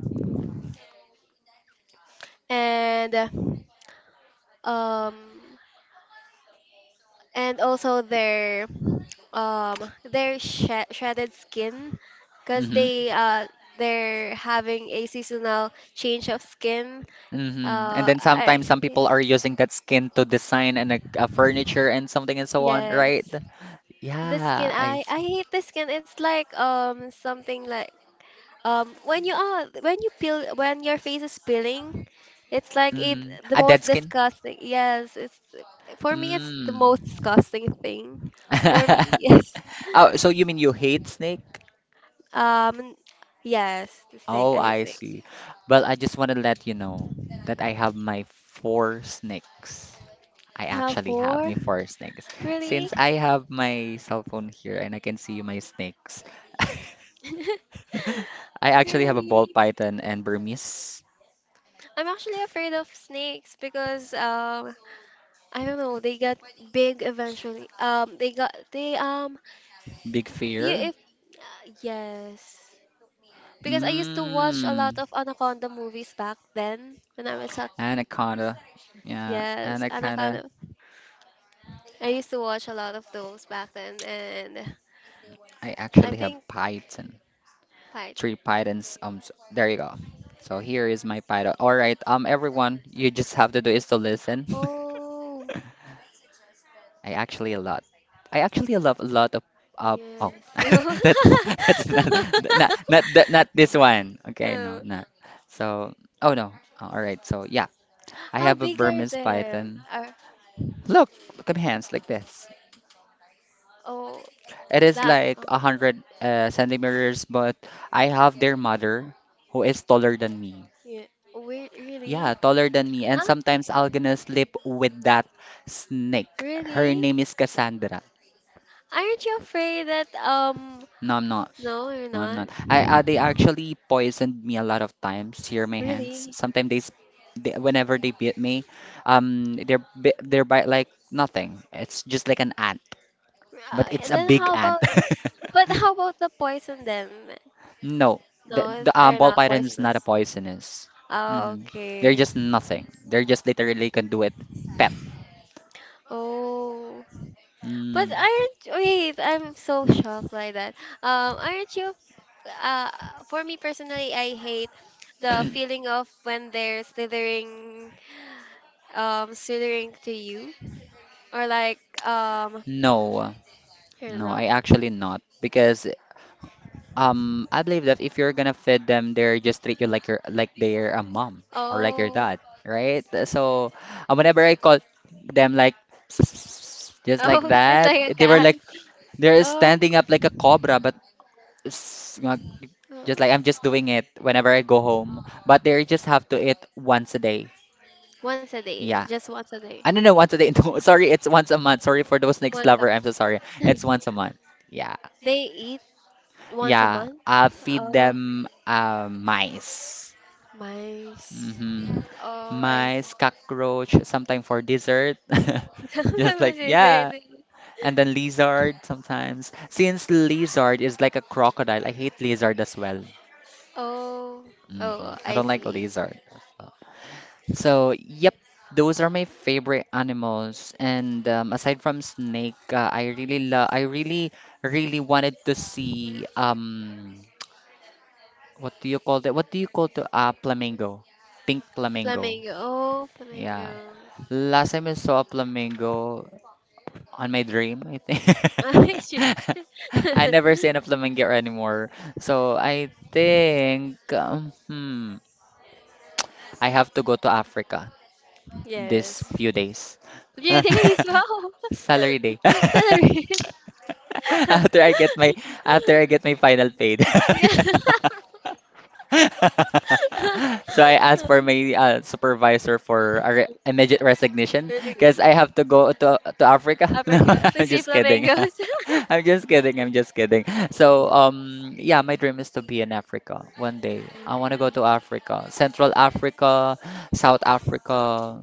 Speaker 2: and um and also their shredded skin, because
Speaker 1: Mm-hmm.
Speaker 2: they they're having a seasonal change of skin.
Speaker 1: Mm-hmm. And
Speaker 2: Uh,
Speaker 1: then
Speaker 2: I,
Speaker 1: sometimes some people are using that skin to design and a furniture and something and so on, right?
Speaker 2: yes. The
Speaker 1: Yeah,
Speaker 2: skin,
Speaker 1: I
Speaker 2: I
Speaker 1: see.
Speaker 2: hate the skin. It's like something like— um, when you are when you peel, when your face is peeling, it's like it
Speaker 1: Mm-hmm.
Speaker 2: the
Speaker 1: A dead
Speaker 2: most
Speaker 1: skin.
Speaker 2: disgusting. Yes, it's— for me it's the
Speaker 1: Mm.
Speaker 2: most disgusting thing. For me, yes.
Speaker 1: Oh, so you mean you hate snake?
Speaker 2: Um, yes, this thing
Speaker 1: Oh,
Speaker 2: I
Speaker 1: I
Speaker 2: think.
Speaker 1: see. Well, I just want to let you know that I have my four snakes. I
Speaker 2: You have
Speaker 1: actually have
Speaker 2: four?
Speaker 1: my four snakes.
Speaker 2: Really?
Speaker 1: Since I have my cell phone here and I can see my snakes, I actually have a ball
Speaker 2: Really?
Speaker 1: python and Burmese.
Speaker 2: I'm actually afraid of snakes because I don't know, they got big eventually. They got they
Speaker 1: Big
Speaker 2: do you
Speaker 1: fear.
Speaker 2: if yes. Because I used to watch a
Speaker 1: Mmm.
Speaker 2: lot of Anaconda movies back then when I was a—
Speaker 1: Anaconda. Yeah,
Speaker 2: yes,
Speaker 1: anaconda.
Speaker 2: Anaconda. I used to watch a lot of those back then, and
Speaker 1: I
Speaker 2: I
Speaker 1: actually have
Speaker 2: think
Speaker 1: python.
Speaker 2: Python.
Speaker 1: Three pythons. There you go. So here is my python. All right, everyone, you just have to do is to listen.
Speaker 2: Oh,
Speaker 1: I actually a lot. I actually love a lot of.
Speaker 2: yes.
Speaker 1: Oh, that, that's not that, not this one. Okay, no,
Speaker 2: Oh.
Speaker 1: not. So, oh no. All right. So yeah, I
Speaker 2: How
Speaker 1: have a
Speaker 2: big are
Speaker 1: Burmese
Speaker 2: them?
Speaker 1: python.
Speaker 2: Are—
Speaker 1: Look, look at my hands like this.
Speaker 2: oh,
Speaker 1: It is
Speaker 2: that—
Speaker 1: like
Speaker 2: oh,
Speaker 1: 100 centimeters, but I have their mother, who is taller than me.
Speaker 2: yeah. Wait, really?
Speaker 1: Yeah, taller than me. And
Speaker 2: Huh?
Speaker 1: sometimes I'll gonna sleep with that snake. Her
Speaker 2: Really?
Speaker 1: name is Cassandra.
Speaker 2: Aren't you afraid that
Speaker 1: No, I'm not.
Speaker 2: no, you're
Speaker 1: No, I'm
Speaker 2: not.
Speaker 1: not. I They actually poisoned me a lot of times. Here, my hands.
Speaker 2: Really?
Speaker 1: Sometimes they whenever they bit me, they're bite like nothing. It's just like an ant, but it's
Speaker 2: And
Speaker 1: a
Speaker 2: then
Speaker 1: big
Speaker 2: how
Speaker 1: ant.
Speaker 2: about But how about the poison then?
Speaker 1: No, the,
Speaker 2: No,
Speaker 1: the
Speaker 2: it's—
Speaker 1: um,
Speaker 2: they're
Speaker 1: ball
Speaker 2: not
Speaker 1: python is not a
Speaker 2: poisonous.
Speaker 1: poisonous.
Speaker 2: Ah,
Speaker 1: hmm They're
Speaker 2: okay.
Speaker 1: just nothing. They're just literally can do it. Pet.
Speaker 2: Oh, but
Speaker 1: Mm.
Speaker 2: aren't, wait? I'm so shocked by that. Aren't you? Uh, for me personally, I hate the feeling of when they're slithering, slithering to you, or like um,
Speaker 1: No.
Speaker 2: I don't
Speaker 1: No, I
Speaker 2: know.
Speaker 1: actually not because I believe that if you're gonna feed them, they're just treat you like your like they're a mom or like your
Speaker 2: Oh,
Speaker 1: dad, right? So whenever I call them like just like
Speaker 2: oh, it's
Speaker 1: that,
Speaker 2: like a
Speaker 1: they were
Speaker 2: cat.
Speaker 1: like they're
Speaker 2: Oh,
Speaker 1: standing up like a cobra, but s- uh,
Speaker 2: oh.
Speaker 1: just like I'm just doing it whenever I go home, but they just have to eat once a day.
Speaker 2: Once a day,
Speaker 1: Yeah,
Speaker 2: just once a day,
Speaker 1: I don't know once a day. No, sorry, it's once a month. Sorry for those next
Speaker 2: once a.
Speaker 1: lover. I'm so sorry. It's once a month. Yeah.
Speaker 2: They— once a
Speaker 1: Yeah,
Speaker 2: month?
Speaker 1: I feed
Speaker 2: Oh,
Speaker 1: them mice.
Speaker 2: my.
Speaker 1: hmm
Speaker 2: Oh, I see.
Speaker 1: Mice, cockroach, sometimes for dessert. Just like,
Speaker 2: Sometimes it's there.
Speaker 1: yeah. And then lizard sometimes. Since lizard is like a crocodile, I hate lizard as well.
Speaker 2: Oh,
Speaker 1: hmm
Speaker 2: oh,
Speaker 1: I
Speaker 2: I
Speaker 1: don't like
Speaker 2: see.
Speaker 1: lizard. So, yep, those are my favorite animals. And aside from snake, I really love, I really, really wanted to see what do you call that? What do you call the flamingo? Pink flamingo.
Speaker 2: Flamingo. Oh,
Speaker 1: Yeah.
Speaker 2: flamingo.
Speaker 1: Last time I saw a flamingo on my dream, I think.
Speaker 2: I see.
Speaker 1: I never seen a flamingo anymore. So I think I have to go to Africa this
Speaker 2: Yes.
Speaker 1: few days.
Speaker 2: Beauty is wow.
Speaker 1: Salary day.
Speaker 2: Celebrate.
Speaker 1: After I get my after I get my final paid.
Speaker 2: Yeah.
Speaker 1: So I asked for my supervisor for a re immediate resignation
Speaker 2: Really good.
Speaker 1: because I have to go to Africa. No,
Speaker 2: Uppercut to
Speaker 1: I'm
Speaker 2: see
Speaker 1: just kidding.
Speaker 2: flamingos.
Speaker 1: I'm just kidding. I'm just kidding. So yeah, my dream is to be in Africa one day. I want to go to Africa, Central Africa, South Africa,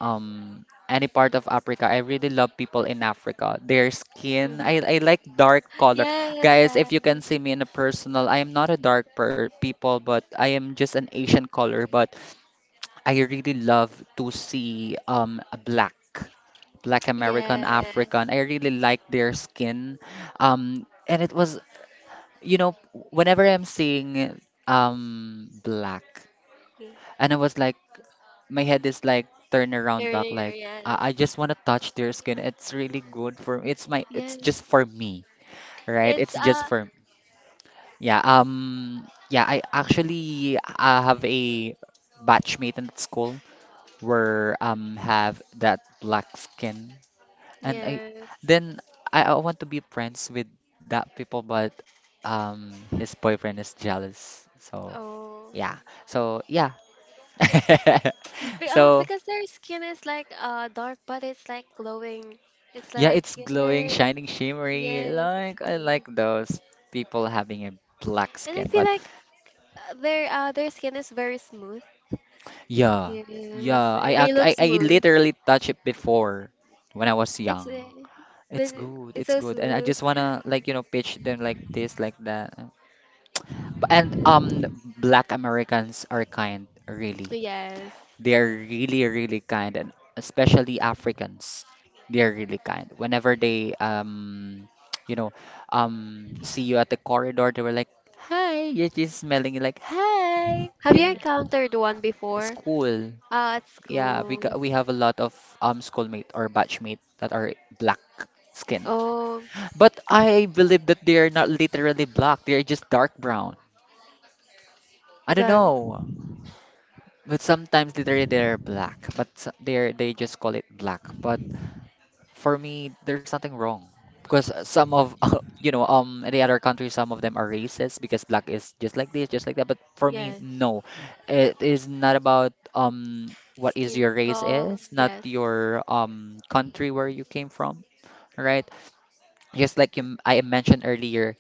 Speaker 1: um any part of Africa. I really love people in Africa. Their skin.
Speaker 2: Mm-hmm.
Speaker 1: I like dark color.
Speaker 2: Yes,
Speaker 1: Guys,
Speaker 2: Dad.
Speaker 1: if you can see me in a personal, I am not a dark per people, but I am just an Asian color. But I really love to see a black American,
Speaker 2: Yes.
Speaker 1: African. I really like their skin. And it was, you know, whenever I'm seeing black, and I was like, my head is like turn around back,
Speaker 2: Earlier,
Speaker 1: like
Speaker 2: yes.
Speaker 1: I just want to touch their skin. It's really good for it's just
Speaker 2: Yes.
Speaker 1: for me, right?
Speaker 2: It's
Speaker 1: It's just for Yeah, yeah, I actually have a batchmate in school where have that black skin, and
Speaker 2: yes.
Speaker 1: then I want to be friends with that people, but um his boyfriend is jealous. So
Speaker 2: Oh.
Speaker 1: yeah, so yeah,
Speaker 2: Be
Speaker 1: so
Speaker 2: because their skin is like dark but it's like glowing. It's
Speaker 1: yeah,
Speaker 2: like
Speaker 1: it's glowing,
Speaker 2: yes,
Speaker 1: shining, shimmery.
Speaker 2: yes, it's
Speaker 1: Like I
Speaker 2: glowing.
Speaker 1: like those people having a black
Speaker 2: And I
Speaker 1: skin,
Speaker 2: feel
Speaker 1: but
Speaker 2: like their skin is very smooth.
Speaker 1: yeah,
Speaker 2: Yes.
Speaker 1: yeah. I,
Speaker 2: They
Speaker 1: ac-
Speaker 2: look
Speaker 1: I
Speaker 2: smooth.
Speaker 1: literally touched it before when I was
Speaker 2: It's
Speaker 1: young.
Speaker 2: this it's
Speaker 1: It's
Speaker 2: so
Speaker 1: good, and I
Speaker 2: smooth.
Speaker 1: just wanna like pitch them like this, like that. And Black Americans are kind, really.
Speaker 2: Yes.
Speaker 1: They're really, really kind, and especially Africans, they're really kind. Whenever they you know, see you at the corridor, they were like, "Hi," you're just smelling you like, "Hi."
Speaker 2: Have you
Speaker 1: Yeah, yeah.
Speaker 2: encountered one
Speaker 1: It's
Speaker 2: before?
Speaker 1: cool.
Speaker 2: At
Speaker 1: Yeah,
Speaker 2: school.
Speaker 1: we have a lot of schoolmate or batchmate that are black skin.
Speaker 2: Oh,
Speaker 1: But I believe that they are not literally black. They are just dark brown. I don't
Speaker 2: the
Speaker 1: know. But sometimes literally they are black, but they just call it black. But for me, there's nothing wrong because some of in the other countries, some of them are racist because black is just like this, just like that. But for me,
Speaker 2: yes,
Speaker 1: no, it is not about what is
Speaker 2: skin
Speaker 1: your race
Speaker 2: color.
Speaker 1: is, not
Speaker 2: Yes,
Speaker 1: your country where you came from, right? Just like you, I mentioned earlier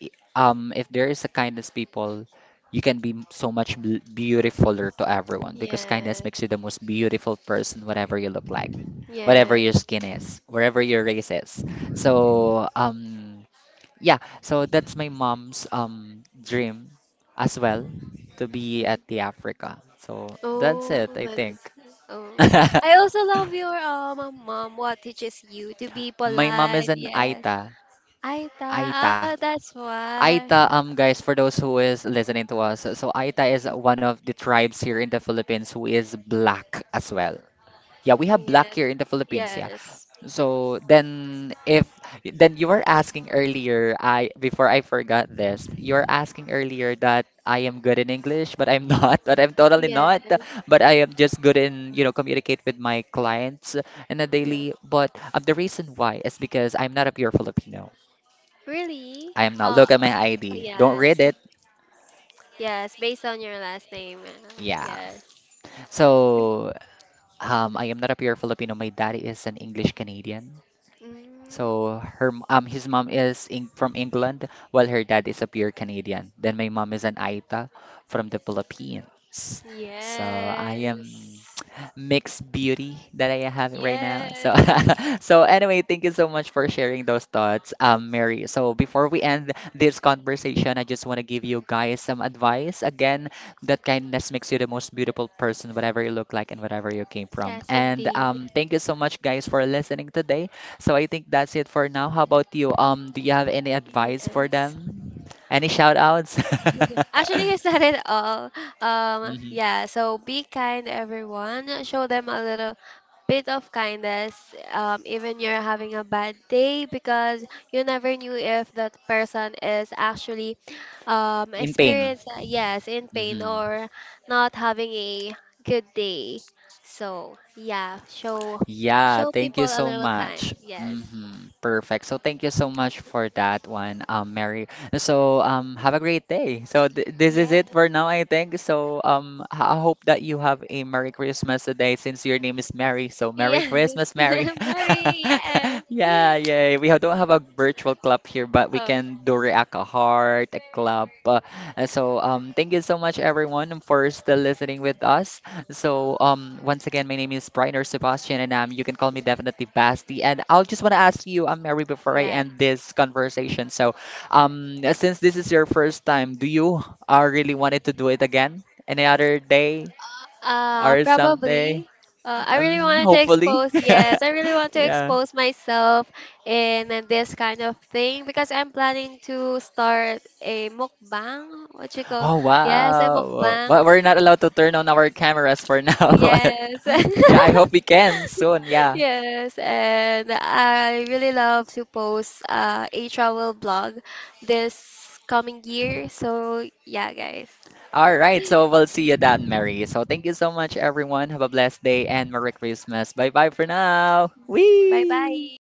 Speaker 1: if there is a kindness people you can be so much beautifuler to everyone, because kindness makes
Speaker 2: yes,
Speaker 1: you the most beautiful person whatever you look like, whatever your
Speaker 2: yes.
Speaker 1: skin is, wherever your race is. So um yeah so that's my mom's dream as well, to be
Speaker 2: Mhm.
Speaker 1: at the Africa. So that's
Speaker 2: Oh,
Speaker 1: it, I think.
Speaker 2: that's— oh. I also love your mom. What teaches you to be
Speaker 1: My mom is
Speaker 2: polite?
Speaker 1: an
Speaker 2: Yes.
Speaker 1: Aita.
Speaker 2: I thought.
Speaker 1: Aita.
Speaker 2: Oh, that's why.
Speaker 1: Aita, guys, for those who is listening to us, so Aita is one of the tribes here in the Philippines who is black as well. Yeah, we have
Speaker 2: Yes,
Speaker 1: black here in the Philippines, yeah.
Speaker 2: yes,
Speaker 1: So then if then you were asking earlier, I before I forgot this, you were asking earlier that I am good in English, but I'm not, but I'm totally
Speaker 2: yes,
Speaker 1: not, but I am just good in, you know, communicate with my clients in a
Speaker 2: yes.
Speaker 1: daily, but the reason why is because I'm not a pure Filipino.
Speaker 2: Really?
Speaker 1: I am not. Look at my ID. Don't
Speaker 2: Yes,
Speaker 1: read it.
Speaker 2: yes. Based on your last name.
Speaker 1: Yeah.
Speaker 2: Yes.
Speaker 1: So, I am not a pure Filipino. My daddy is an English Canadian.
Speaker 2: Mm,
Speaker 1: So his mom is in, from England, while her dad is a pure Canadian. Then my mom is an Aita from the Philippines. So I am
Speaker 2: yes.
Speaker 1: mixed beauty that I have right now. So,
Speaker 2: Yes.
Speaker 1: so anyway, thank you so much for sharing those thoughts, Mary. So before we end this conversation, I just want to give you guys some advice. Again, that kindness makes you the most beautiful person, whatever you look like and whatever you came from.
Speaker 2: Yes,
Speaker 1: And
Speaker 2: indeed.
Speaker 1: thank you so much, guys, for listening today. So I think that's it for now. How about you? Do you have any advice for
Speaker 2: Yes.
Speaker 1: them? Any shout outs?
Speaker 2: Actually, you said it all.
Speaker 1: Mhm.
Speaker 2: Yeah, so be kind, everyone. Show them a little bit of kindness, even you're having a bad day, because you never knew if that person is actually
Speaker 1: In pain.
Speaker 2: experienced, yes, in pain
Speaker 1: Hmm.
Speaker 2: or not having a good day. So, yeah, show—
Speaker 1: Yeah,
Speaker 2: show
Speaker 1: thank
Speaker 2: people
Speaker 1: you
Speaker 2: a
Speaker 1: so
Speaker 2: little kind.
Speaker 1: much.
Speaker 2: Yes.
Speaker 1: Hmm. Perfect. So thank you so much for that one, Mary. So have a great day. So th this is it for now, I think. So I hope that you have a Merry Christmas today, since your name is Mary. So Merry
Speaker 2: Yes.
Speaker 1: Christmas, Mary.
Speaker 2: Mary, yes.
Speaker 1: Yeah, yeah. Don't have a virtual club here, but we
Speaker 2: Oh,
Speaker 1: can do react a heart, a club. Thank you so much, everyone, for still listening with us. So, once again, my name is Briner Sebastian, and you can call me definitely Basti. And I'll just want to ask you, Mary, before I
Speaker 2: yes.
Speaker 1: end this conversation. So, since this is your first time, do you really wanted to do it again any other day or someday?
Speaker 2: Probably. I really wanted to
Speaker 1: Hopefully.
Speaker 2: expose, yes, I really want to
Speaker 1: Yeah.
Speaker 2: expose myself in this kind of thing because I'm planning to start a mukbang. What you call?
Speaker 1: Oh,
Speaker 2: Yes, a
Speaker 1: wow.
Speaker 2: mukbang.
Speaker 1: But we're not allowed to turn on our cameras for now. But
Speaker 2: Yes.
Speaker 1: yeah, I hope we can soon. Yeah.
Speaker 2: Yes, and I really love to post a travel blog this coming year. So, yeah, guys.
Speaker 1: All right, so we'll see you then, Mary. So thank you so much, everyone. Have a blessed day and Merry Christmas. Bye bye for now.
Speaker 2: 拜拜。
Speaker 1: Wee!